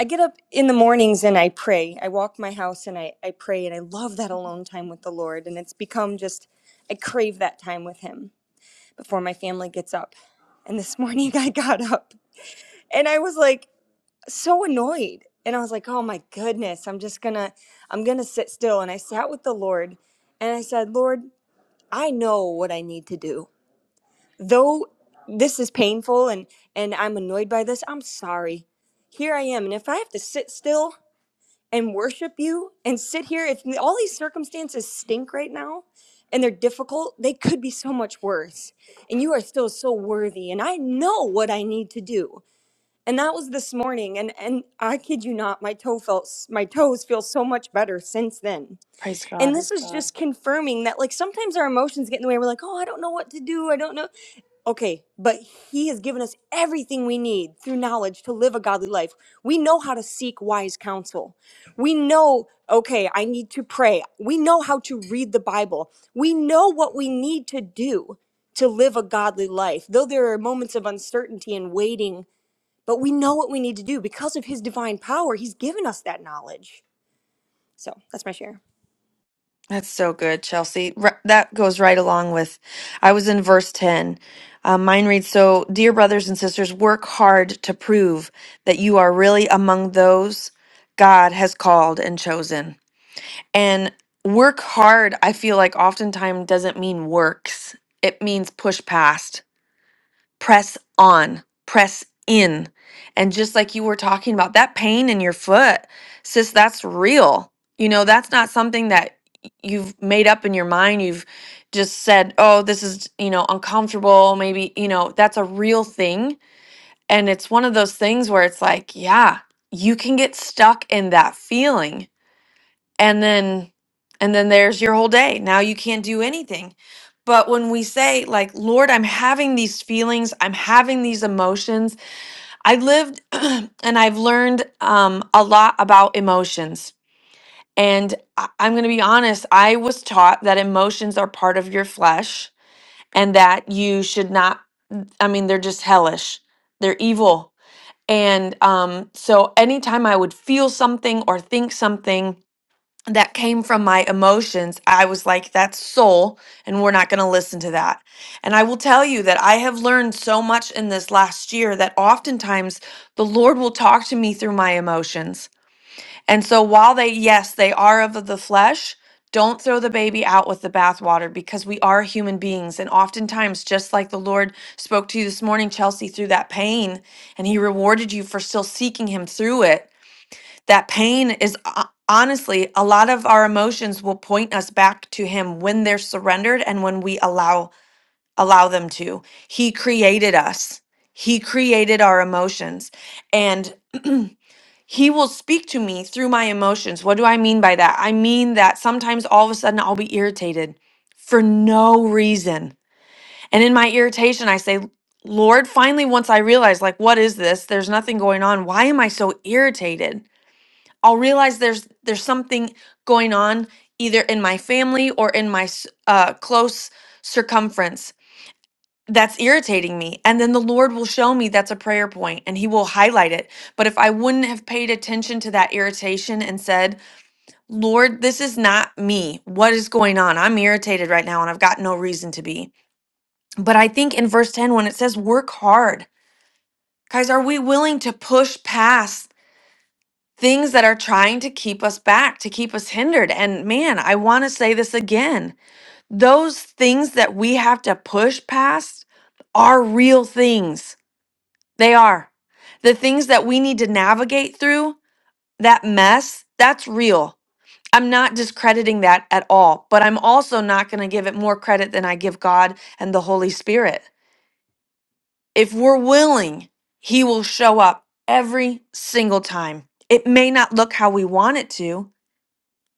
I get up in the mornings and I pray. I walk my house and I, I pray and I love that alone time with the Lord and it's become just I crave that time with him before my family gets up. And this morning <laughs> I got up and I was like so annoyed. And I was like, oh my goodness, I'm just gonna I'm gonna sit still. And I sat with the Lord and I said, Lord, I know what I need to do. though this is painful and and I'm annoyed by this, I'm sorry. Here I am, and if I have to sit still and worship you and sit here, if all these circumstances stink right now and they're difficult, they could be so much worse. And you are still so worthy, and I know what I need to do. And that was this morning, and and I kid you not, my toe felt my toes feel so much better since then
praise
and
God.
this is just confirming that, like, sometimes our emotions get in the way. We're like, oh, I don't know what to do. I don't know. Okay, but He has given us everything we need through knowledge to live a godly life. We know how to seek wise counsel. We know, okay, I need to pray. We know how to read the Bible. We know what we need to do to live a godly life, though there are moments of uncertainty and waiting, but we know what we need to do because of His divine power. He's given us that knowledge. So that's my share.
That's so good, Chelsea. R- that goes right along with, I was in verse 10. Um, mine reads So, dear brothers and sisters, work hard to prove that you are really among those God has called and chosen. And work hard, I feel like oftentimes doesn't mean works, it means push past. press on, press in. And just like you were talking about, that pain in your foot, sis, that's real. You know, that's not something that you've made up in your mind. You've just said, oh, this is, you know, uncomfortable. Maybe, you know, that's a real thing. And it's one of those things where it's like, yeah, you can get stuck in that feeling and then and then there's your whole day now you can't do anything but when we say like lord i'm having these feelings i'm having these emotions i lived <clears throat> and i've learned um, a lot about emotions and I- i'm going to be honest i was taught that emotions are part of your flesh and that you should not i mean they're just hellish they're evil and um, so anytime i would feel something or think something that came from my emotions, I was like, that's soul, and we're not going to listen to that. And I will tell you that I have learned so much in this last year that oftentimes the Lord will talk to me through my emotions. And so while they, yes, they are of the flesh, don't throw the baby out with the bathwater because we are human beings. And oftentimes, just like the Lord spoke to you this morning, Chelsea, through that pain, and He rewarded you for still seeking Him through it that pain is ho- honestly a lot of our emotions will point us back to him when they're surrendered and when we allow allow them to he created us he created our emotions and <clears throat> he will speak to me through my emotions what do i mean by that i mean that sometimes all of a sudden i'll be irritated for no reason and in my irritation i say lord finally once i realize like what is this there's nothing going on why am i so irritated I'll realize there's there's something going on either in my family or in my s- uh, close circumference that's irritating me and then the lord will show me that's a prayer point and he will highlight it but if i wouldn't have paid attention to that irritation and said lord this is not me what is going on i'm irritated right now and i've got no reason to be but i think in verse 10 when it says work hard guys are we willing to push past things that are trying to keep us back, to keep us hindered. And man, I want to say this again those things that we have to push past are real things. They are. The things that we need to navigate through, that mess, that's real. I'm not discrediting that at all, but I'm also not going to give it more credit than I give God and the Holy Spirit. If we're willing, He will show up every single time. It may not look how we want it to,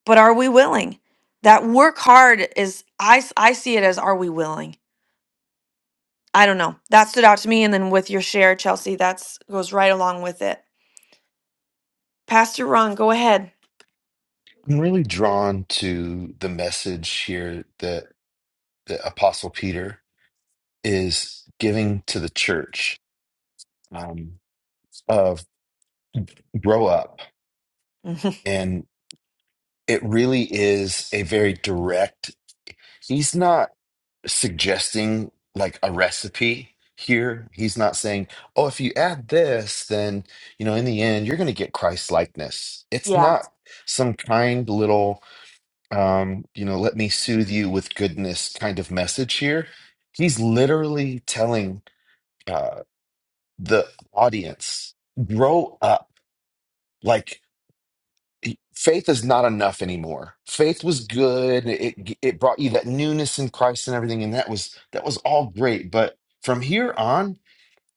but are we willing that work hard is I I see it as are we willing i don't know that stood out to me and then with your share chelsea that's goes right along with it pastor ron go ahead
I'm really drawn to the message here that the Apostle Peter is giving to the church um, of grow up.
<laughs>
And it really is a very direct, he's not suggesting like a recipe here. He's not saying, "Oh, if you add this, then you know, in the end, you're going to get Christ likeness." It's
yeah
not some kind little, um, you know, let me soothe you with goodness kind of message here. He's literally telling uh, the audience, "Grow up." Like faith is not enough anymore. Faith was good. It it brought you that newness in Christ and everything, and that was that was all great. But from here on,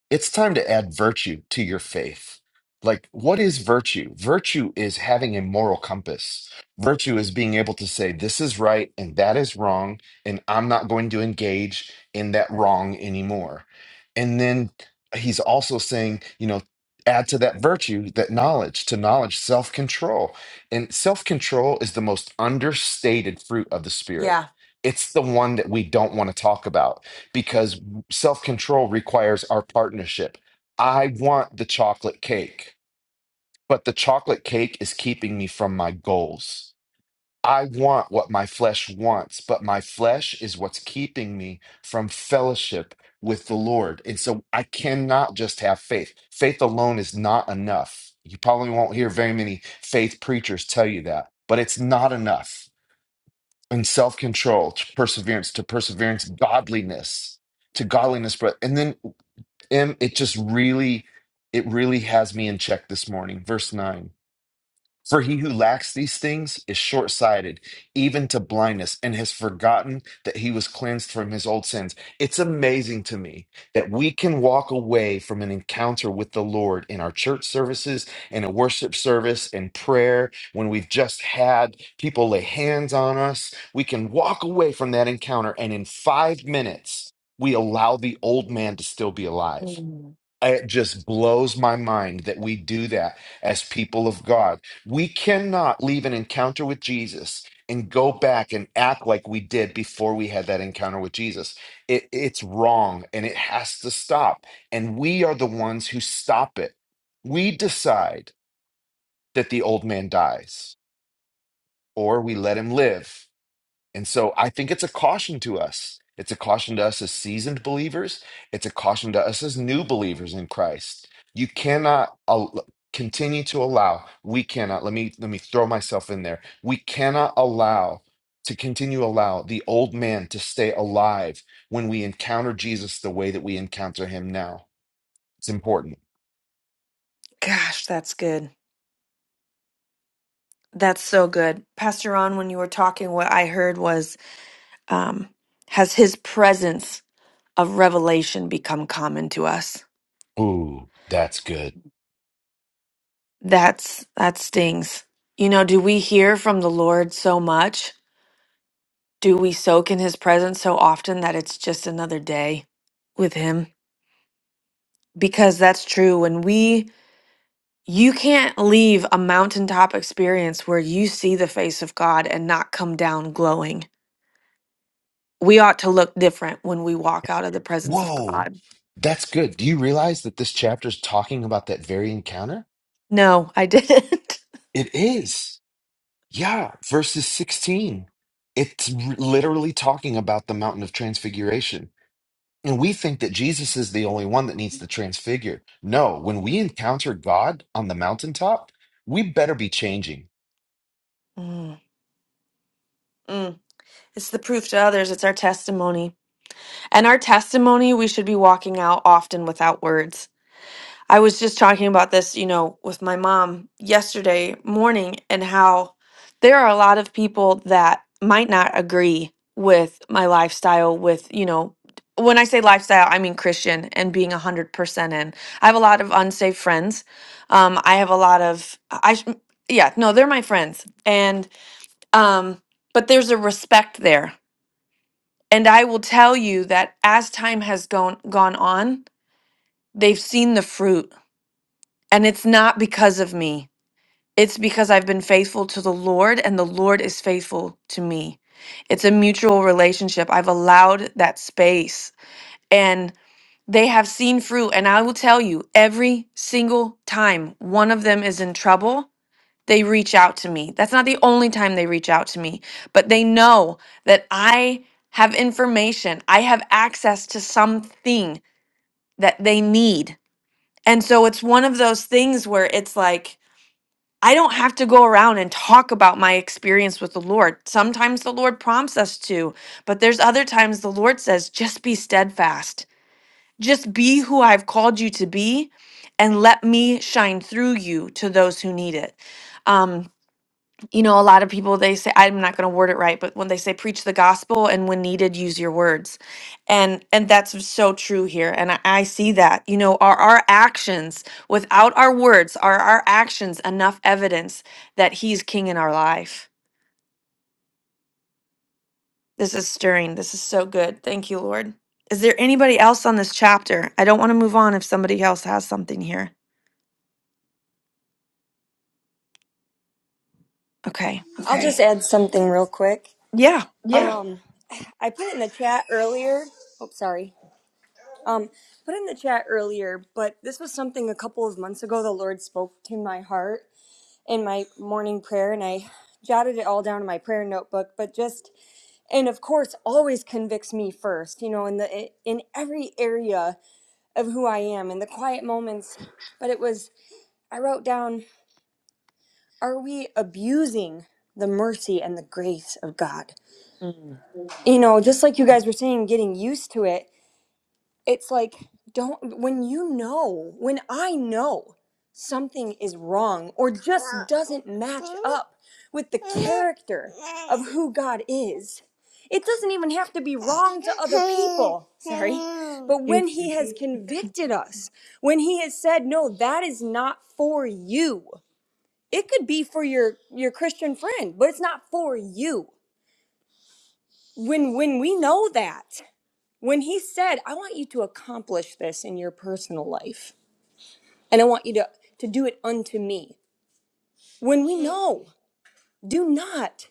it's time to add virtue to your faith. Like, what is virtue? Virtue is having a moral compass. Virtue is being able to say, this is right and that is wrong, and I'm not going to engage in that wrong anymore. And then he's also saying, you know, add to that virtue, that knowledge, to knowledge, self control. And self control is the most understated fruit of the Spirit.
yeah
It's the one that we don't want to talk about because self control requires our partnership. I want the chocolate cake, but the chocolate cake is keeping me from my goals. I want what my flesh wants, but my flesh is what's keeping me from fellowship with the Lord. And so I cannot just have faith. Faith alone is not enough. You probably won't hear very many faith preachers tell you that, but it's not enough. And self control, to perseverance, to perseverance, godliness, to godliness. But and then Em, it just really, it really has me in check this morning. Verse 9. For he who lacks these things is short sighted, even to blindness, and has forgotten that he was cleansed from his old sins. It's amazing to me that we can walk away from an encounter with the Lord in our church services, in a worship service, in prayer, when we've just had people lay hands on us. We can walk away from that encounter, and in five minutes, we allow the old man to still be alive
Mm.
it just blows my mind that we do that as people of God. We cannot leave an encounter with Jesus and go back and act like we did before we had that encounter with Jesus. It, it's wrong and it has to stop. And we are the ones who stop it. We decide that the old man dies or we let him live and so I think it's a caution to us. It's a caution to us as seasoned believers. It's a caution to us as new believers in Christ. You cannot al- continue to allow. We cannot. Let me let me throw myself in there. We cannot allow to continue allow the old man to stay alive when we encounter Jesus the way that we encounter him now. It's important.
gosh that's good that's so good pastor ron when you were talking what i heard was um has his presence of revelation become common to us
Ooh, that's good.
that's that stings you know do we hear from the lord so much do we soak in his presence so often that it's just another day with him? Because that's true. When we, you can't leave a mountaintop experience where you see the face of God and not come down glowing. We ought to look different when we walk out of the presence of
Whoa.
God.
That's good. Do you realize that this chapter is talking about that very encounter?
No, I didn't. <laughs>
It is. Yeah, verses 16. It's r- literally talking about the mountain of transfiguration. And we think that Jesus is the only one that needs to transfigure. No, when we encounter God on the mountaintop, we better be changing.
Mm, mm. It's the proof to others, it's our testimony. And our testimony, we should be walking out often without words. I was just talking about this, you know, with my mom yesterday morning and how there are a lot of people that might not agree with my lifestyle, with, you know, when I say lifestyle, I mean Christian and being 100% in. I have a lot of unsafe friends. Um, I have a lot of, I, sh- yeah, no, they're my friends. And, um, but there's a respect there and I will tell you that as time has gone gone on, they've seen the fruit. And it's not because of me. It's because I've been faithful to the Lord and the Lord is faithful to me. It's a mutual relationship. I've allowed that space and they have seen fruit and I will tell you every single time one of them is in trouble they reach out to me. That's not the only time they reach out to me, but they know that I have information, I have access to something that they need. And so it's one of those things where it's like, I don't have to go around and talk about my experience with the Lord. Sometimes the Lord prompts us to, but there's other times the Lord says, just be steadfast. Just be who I've called you to be and let me shine through you to those who need it. Um, you know, a lot of people they say I'm not going to word it right, but when they say preach the gospel and when needed use your words. And and that's so true here and I, I see that. You know, are our actions without our words are our actions enough evidence that he's king in our life. This is stirring. This is so good. Thank you, Lord. Is there anybody else on this chapter? I don't want to move on if somebody else has something here. Okay.
I'll Okay. just add something real quick.
Yeah.
Yeah. Um, I put it in the chat earlier. Oh, sorry. Um, put it in the chat earlier, but this was something a couple of months ago the Lord spoke to my heart in my morning prayer, and I jotted it all down in my prayer notebook. But just and of course, always convicts me first, you know, in the in every area of who I am in the quiet moments. But it was I wrote down: Are we abusing the mercy and the grace of God?
Mm.
you know, just like you guys were saying, getting used to it, it's like, don't, when you know, when I know something is wrong or just doesn't match up with the character of who God is, it doesn't even have to be wrong to other people. Sorry. But
You-
when He has convicted us, when He has said, no, that is not for you, it could be for your, your Christian friend, but it's not for you when when we know that when he said, I want you to accomplish this in your personal life, and I want you to, to do it unto me, when we know, do not,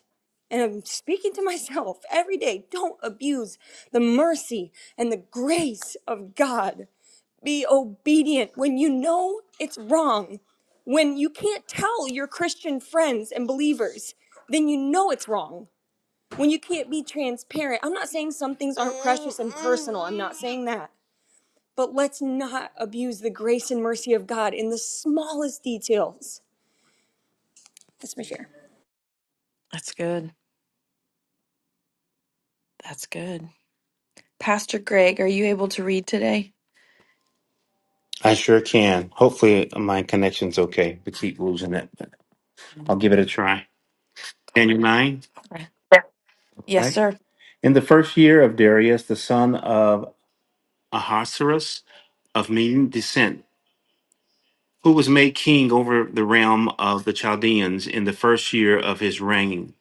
and I'm speaking to <laughs> myself every day, don't abuse the mercy and the grace of God. Be obedient when you know it's wrong. When you can't tell your Christian friends and believers, then you know it's wrong. When you can't be transparent, I'm not saying some things aren't precious and personal. I'm not saying that. But let's not abuse the grace and mercy of God in the smallest details. That's my share.
That's good. That's good. Pastor Greg, are you able to read today?
I sure can. Hopefully, my connection's okay. We keep losing it, but I'll give it a try. Daniel 9,
Okay. Yes,
right?
sir.
In the first year of Darius, the son of Ahasuerus of Median descent, who was made king over the realm of the Chaldeans in the first year of his reign,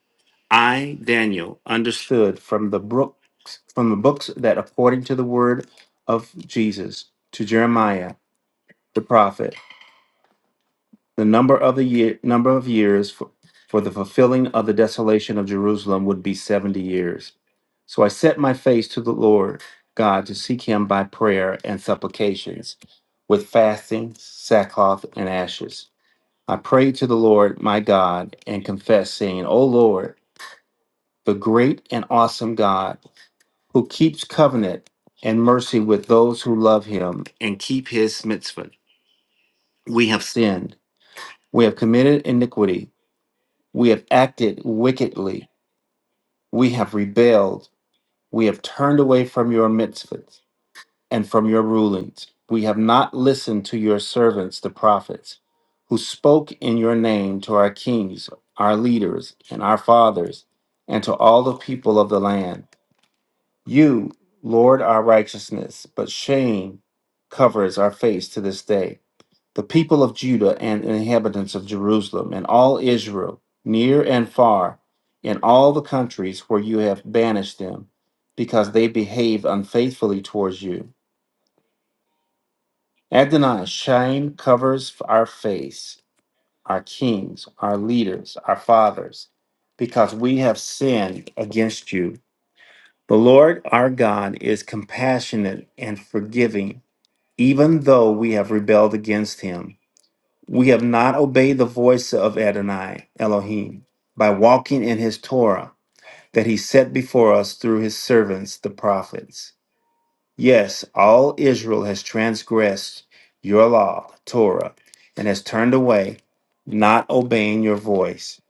I, Daniel, understood from the books, from the books that according to the word of Jesus to Jeremiah the prophet the number of the year number of years for, for the fulfilling of the desolation of Jerusalem would be 70 years. So I set my face to the Lord God to seek him by prayer and supplications with fasting, sackcloth and ashes. I prayed to the Lord my God and confessed saying, "O Lord, the great and awesome God who keeps covenant and mercy with those who love him and keep his mitzvah. We have sinned. We have committed iniquity We have acted wickedly. We have rebelled. We have turned away from your mitzvahs and from your rulings. We have not listened to your servants, the prophets, who spoke in your name to our kings, our leaders, and our fathers, and to all the people of the land. You, Lord, our righteousness, but shame covers our face to this day the people of Judah and inhabitants of Jerusalem and all Israel, near and far, in all the countries where you have banished them, because they behave unfaithfully towards you. Adonai, shame covers our face, our kings, our leaders, our fathers, because we have sinned against you. The Lord our God is compassionate and forgiving, even though we have rebelled against him. We have not obeyed the voice of Adonai Elohim by walking in his Torah that he set before us through his servants, the prophets. Yes, all Israel has transgressed your law, Torah, and has turned away, not obeying your voice.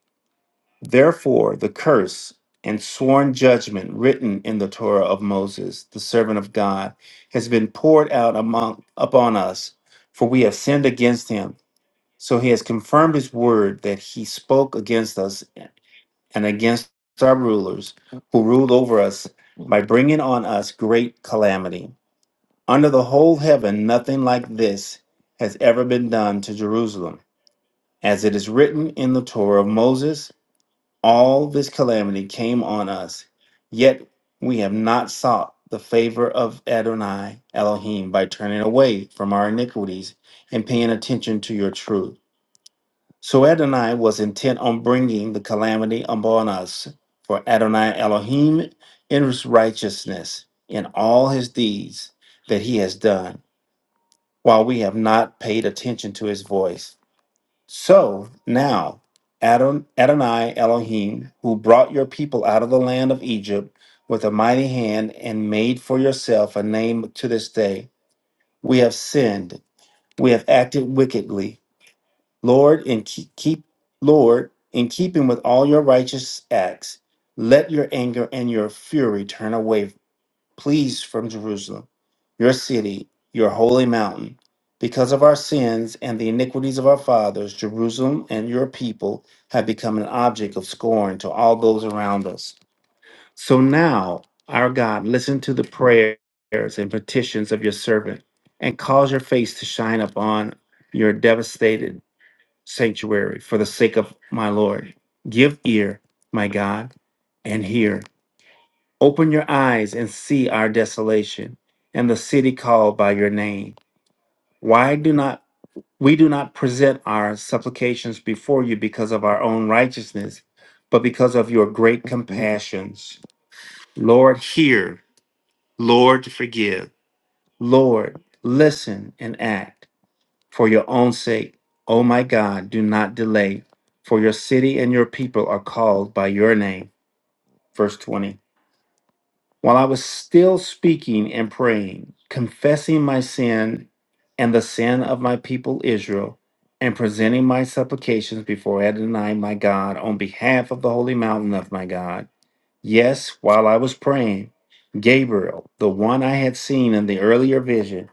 Therefore, the curse and sworn judgment written in the Torah of Moses, the servant of God, has been poured out among, upon us, for we have sinned against him so he has confirmed his word that he spoke against us and against our rulers who ruled over us by bringing on us great calamity. Under the whole heaven, nothing like this has ever been done to Jerusalem. As it is written in the Torah of Moses, all this calamity came on us, yet we have not sought the favor of Adonai Elohim by turning away from our iniquities and paying attention to your truth. So Adonai was intent on bringing the calamity upon us, for Adonai Elohim in his righteousness in all his deeds that he has done, while we have not paid attention to his voice. So now, Adon- Adonai Elohim, who brought your people out of the land of Egypt with a mighty hand and made for yourself a name to this day, we have sinned, we have acted wickedly Lord, in keep, keep Lord, in keeping with all your righteous acts, let your anger and your fury turn away, please, from Jerusalem, your city, your holy mountain. Because of our sins and the iniquities of our fathers, Jerusalem and your people have become an object of scorn to all those around us. So now, our God, listen to the prayers and petitions of your servant, and cause your face to shine upon your devastated sanctuary for the sake of my Lord. Give ear, my God, and hear. Open your eyes and see our desolation and the city called by your name. Why do not we do not present our supplications before you because of our own righteousness, but because of your great compassions. Lord, hear. Lord, forgive. Lord, listen and act. For your own sake, O my God, do not delay, for your city and your people are called by your name. Verse 20. While I was still speaking and praying, confessing my sin and the sin of my people Israel, and presenting my supplications before Adonai, my God, on behalf of the holy mountain of my God. Yes, while I was praying, Gabriel, the one I had seen in the earlier vision,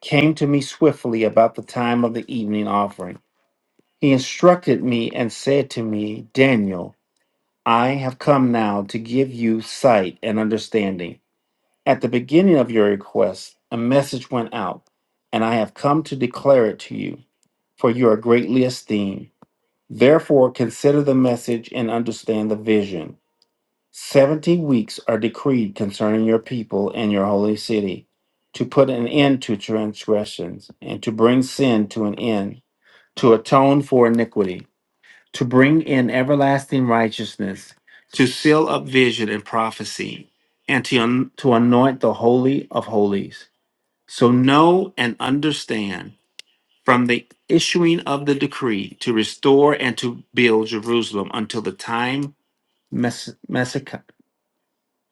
came to me swiftly about the time of the evening offering. He instructed me and said to me, Daniel, I have come now to give you sight and understanding. At the beginning of your request, a message went out, and I have come to declare it to you, for you are greatly esteemed. Therefore, consider the message and understand the vision. Seventy weeks are decreed concerning your people and your holy city, to put an end to transgressions, and to bring sin to an end, to atone for iniquity to bring in everlasting righteousness, to seal up vision and prophecy, and to, un- to anoint the Holy of Holies. So know and understand from the issuing of the decree to restore and to build Jerusalem until the time Mes- Messiah,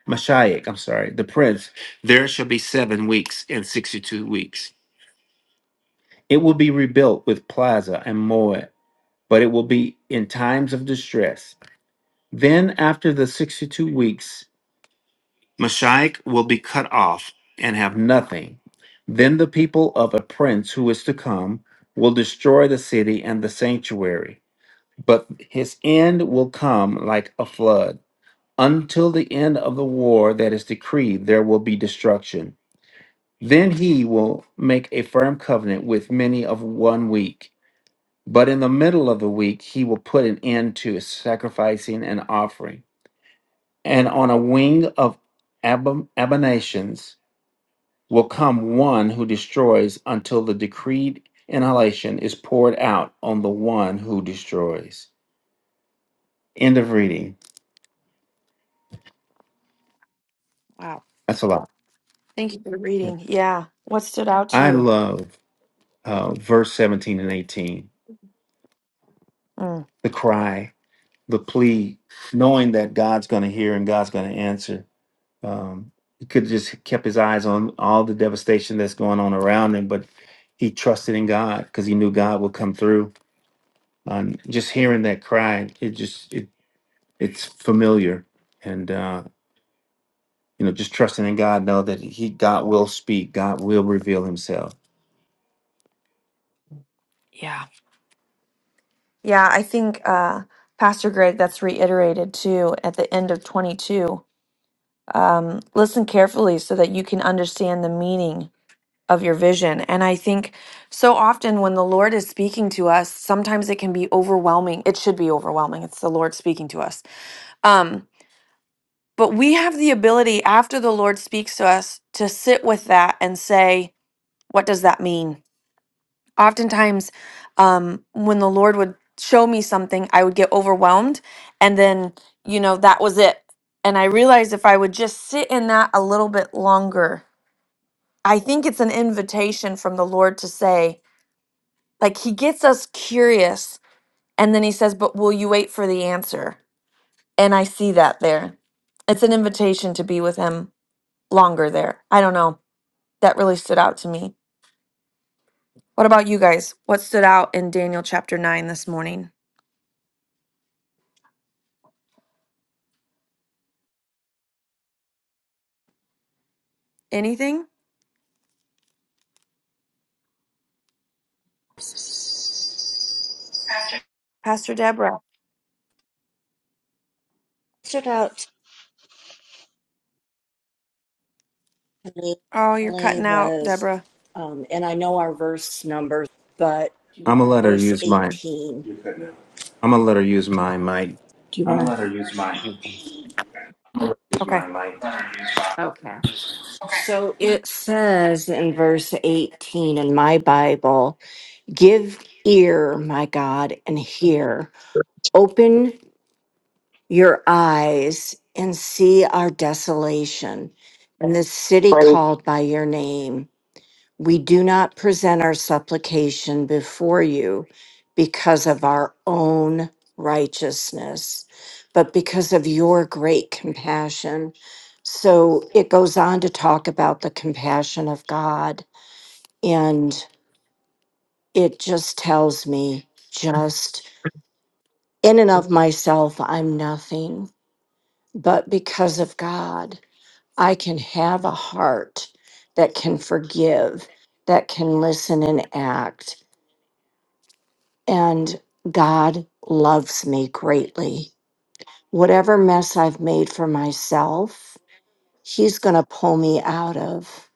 Mashiach, I'm sorry, the prince, there shall be seven weeks and 62 weeks. It will be rebuilt with plaza and moat, but it will be in times of distress Then, after the 62 weeks, Mashiach will be cut off and have nothing. Then the people of a prince who is to come will destroy the city and the sanctuary, but his end will come like a flood. Until the end of the war that is decreed, there will be destruction. Then he will make a firm covenant with many of one week. But in the middle of the week, he will put an end to sacrificing and offering. and on a wing of ab- abominations will come one who destroys until the decreed inhalation is poured out on the one who destroys. End of reading.
Wow.
That's a lot.
Thank you for reading. Yeah. What stood out to
I
you?
love uh, verse 17 and 18
Mm.
the cry, the plea, knowing that God's going to hear and God's going to answer. Um, he could have just kept his eyes on all the devastation that's going on around him, but he trusted in God because he knew God would come through um, just hearing that cry, it just it it's familiar, and uh, you know, just trusting in God, know that He God will speak, God will reveal Himself.
Yeah. Yeah, I think uh Pastor Greg that's reiterated too at the end of 22. Um listen carefully so that you can understand the meaning of your vision. And I think so often when the Lord is speaking to us, sometimes it can be overwhelming. It should be overwhelming. It's the Lord speaking to us. Um, But we have the ability after the Lord speaks to us to sit with that and say, what does that mean? Oftentimes, um, when the Lord would show me something, I would get overwhelmed. And then, you know, that was it. And I realized if I would just sit in that a little bit longer, I think it's an invitation from the Lord to say, like, He gets us curious. And then He says, but will you wait for the answer? And I see that there. It's an invitation to be with Him longer there. I don't know. That really stood out to me. What about you guys? What stood out in Daniel chapter 9 this morning? Anything? Pastor Deborah.
stood out to me
Oh, you're
only
cutting out,
was,
Deborah.
um, and I know our verse number, but
I'm gonna let her
verse
use my.
18. You couldn't.
I'm gonna let her use my mic.
Do you I'll want to? let her use mine. Use
Okay.
mine, Mike.
Okay. So it says in verse 18 in my Bible, give ear, my God, and hear. Open your eyes and see our desolation and the city
Praise.
called by your name We do not present our supplication before you because of our own righteousness, but because of your great compassion. So it goes on to talk about the compassion of God. And it just tells me, just in and of myself, I'm nothing. But because of God, I can have a heart that can forgive, that can listen and act and God loves me greatly. Whatever mess I've made for myself, He's going to pull me out of.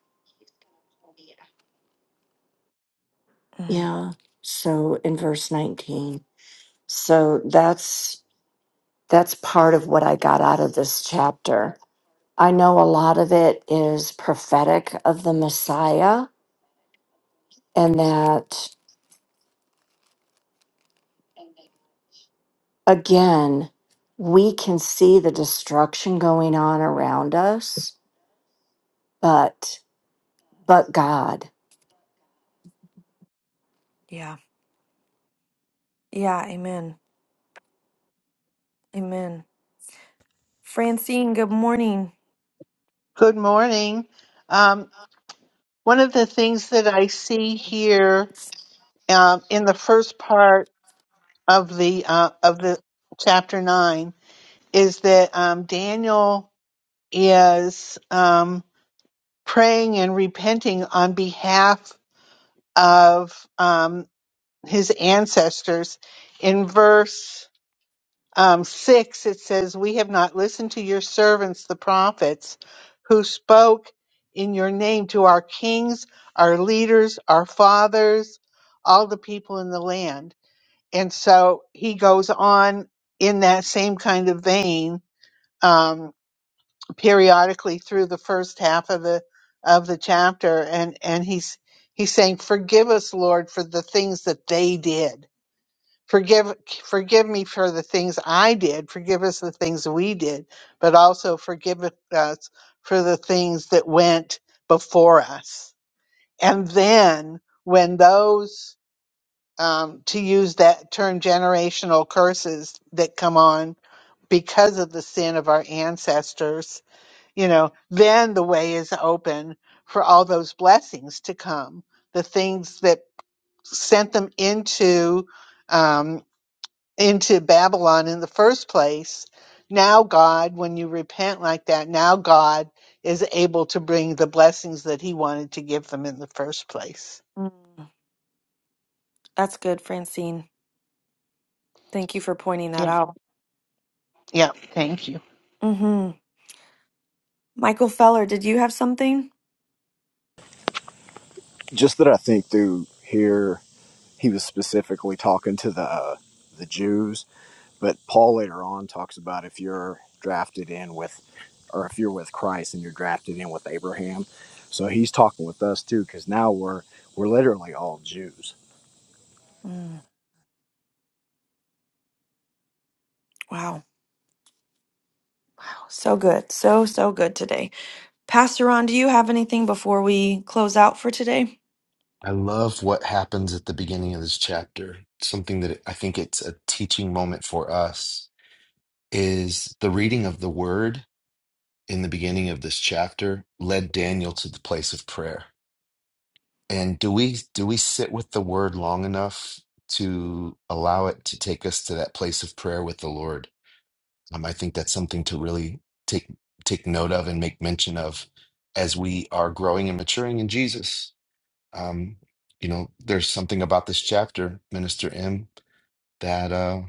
Mm,
Yeah. So in verse 19. So that's that's part of what I got out of this chapter. I know a lot of it is prophetic of the Messiah and that again we can see the destruction going on around us, but but God.
yeah. Yeah. Amen. Amen. Francine, good morning.
Good morning. Um, one of the things that I see here um, in the first part of the uh, of the chapter nine is that um, Daniel is um, praying and repenting on behalf of um, his ancestors. In verse um, 6, it says, We have not listened to your servants, the prophets, who spoke in your name to our kings, our leaders, our fathers, all the people in the land. And so he goes on in that same kind of vein um, periodically through the first half of the of the chapter and and he's he's saying forgive us lord for the things that they did Forgive forgive me for the things I did. Forgive us the things we did, but also forgive us for the things that went before us. And then when those um, to use that term generational curses that come on because of the sin of our ancestors, you know, then the way is open for all those blessings to come, the things that sent them into um, into Babylon in the first place. Now, God, when you repent like that, now God is able to bring the blessings that He wanted to give them in the first place.
Mm, that's good, Francine. Thank you for pointing
Yeah,
that out.
yeah, thank you.
hmm Michael Feller, did you have something?
just that I think through here he was specifically talking to the uh, the Jews, but Paul later on talks about if you're drafted in with, or if you're with Christ and you're drafted in with Abraham. So he's talking with us too, because now we're we're literally all Jews.
Mm, wow. So good. So, so good today. Pastor Ron, do you have anything before we close out for today?
I love what happens at the beginning of this chapter. Something that I think it's a teaching moment for us is the reading of the word in the beginning of this chapter led Daniel to the place of prayer And do we do we sit with the word long enough to allow it to take us to that place of prayer with the Lord? Um, I think that's something to really take take note of and make mention of as we are growing and maturing in Jesus. Um, you know, there's something about this chapter, Minister M, that uh,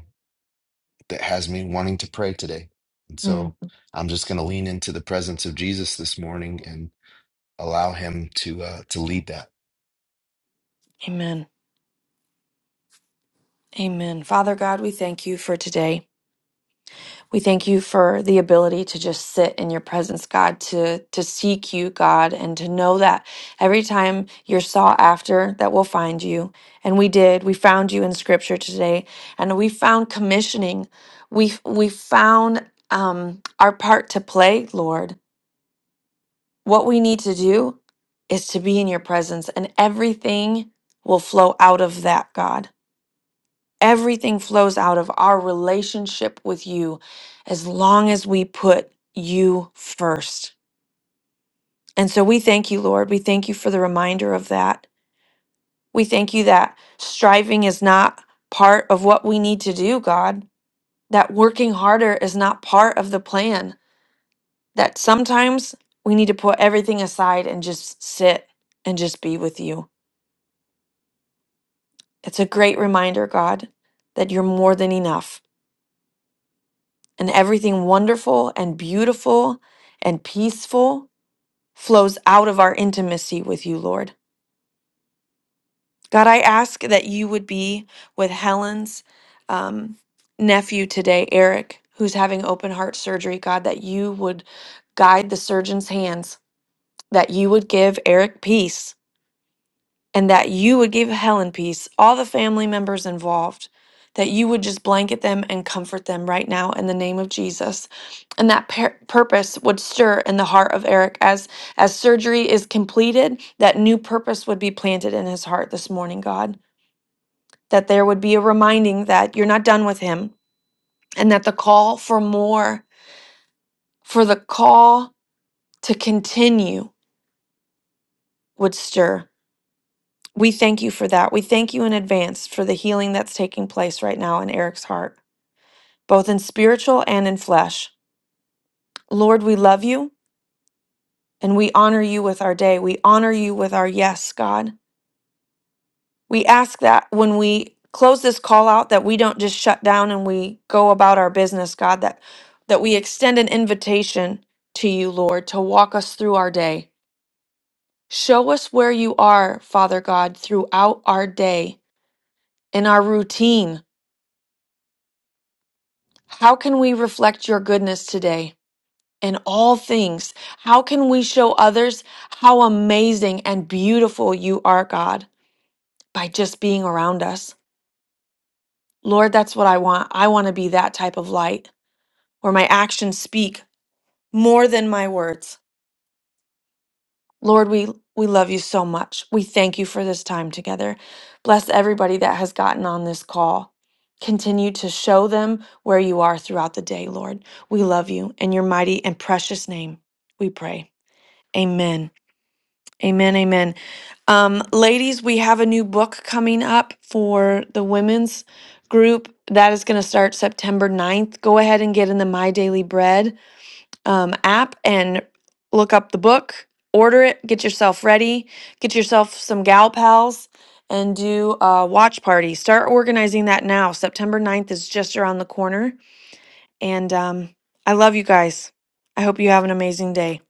that has me wanting to pray today, and
Mm.
so I'm just going to lean into the presence of Jesus this morning allow him to uh, to lead that.
Amen. Amen. Father God, we thank you for today. We thank you for the ability to just sit in your presence, God, to to seek you, God, and to know that every time you're sought after, that we'll find you. And we did. We found you in scripture today, and we found commissioning. We we found um our part to play, Lord. What we need to do is to be in your presence, and everything will flow out of that, God. Everything flows out of our relationship with you as long as we put you first. And so we thank you, Lord. We thank you for the reminder of that. We thank you that striving is not part of what we need to do, God, that working harder is not part of the plan, that sometimes we need to put everything aside and just sit and just be with you. It's a great reminder, God, that you're more than enough and everything wonderful and beautiful and peaceful flows out of our intimacy with you, Lord. God, I ask that you would be with Helen's um, nephew today, Eric, who's having open heart surgery. God, that you would guide the surgeon's hands, that you would give Eric peace and that you would give Helen peace, all the family members involved, that you would just blanket them and comfort them right now in the name of Jesus. And that per- purpose would stir in the heart of Eric as as surgery is completed, that new purpose would be planted in his heart this morning, God, that there would be a reminding that you're not done with him and that the call for more, for the call to continue would stir. We thank you for that. We thank you in advance for the healing that's taking place right now in Eric's heart, both in spiritual and in flesh. Lord, we love you and we honor you with our day. We honor you with our yes, God. We ask that when we close this call out that we don't just shut down and we go about our business, God, that that we extend an invitation to you, Lord, to walk us through our day. Show us where you are, Father God, throughout our day, in our routine, How can we reflect your goodness today in all things? How can we show others how amazing and beautiful you are, God, by just being around us? Lord, that's what I want. I want to be that type of light where my actions speak more than my words. Lord, we we love you so much. We thank you for this time together. Bless everybody that has gotten on this call. Continue to show them where you are throughout the day, Lord. We love you in your mighty and precious name. We pray. Amen. Amen. Amen. Um, ladies, we have a new book coming up for the women's group that is going to start September ninth. Go ahead and get in the My Daily Bread um, app and look up the book, order it, get yourself ready, get yourself some gal pals, and do a watch party. Start organizing that now. September ninth is just around the corner. And um, I love you guys. I hope you have an amazing day.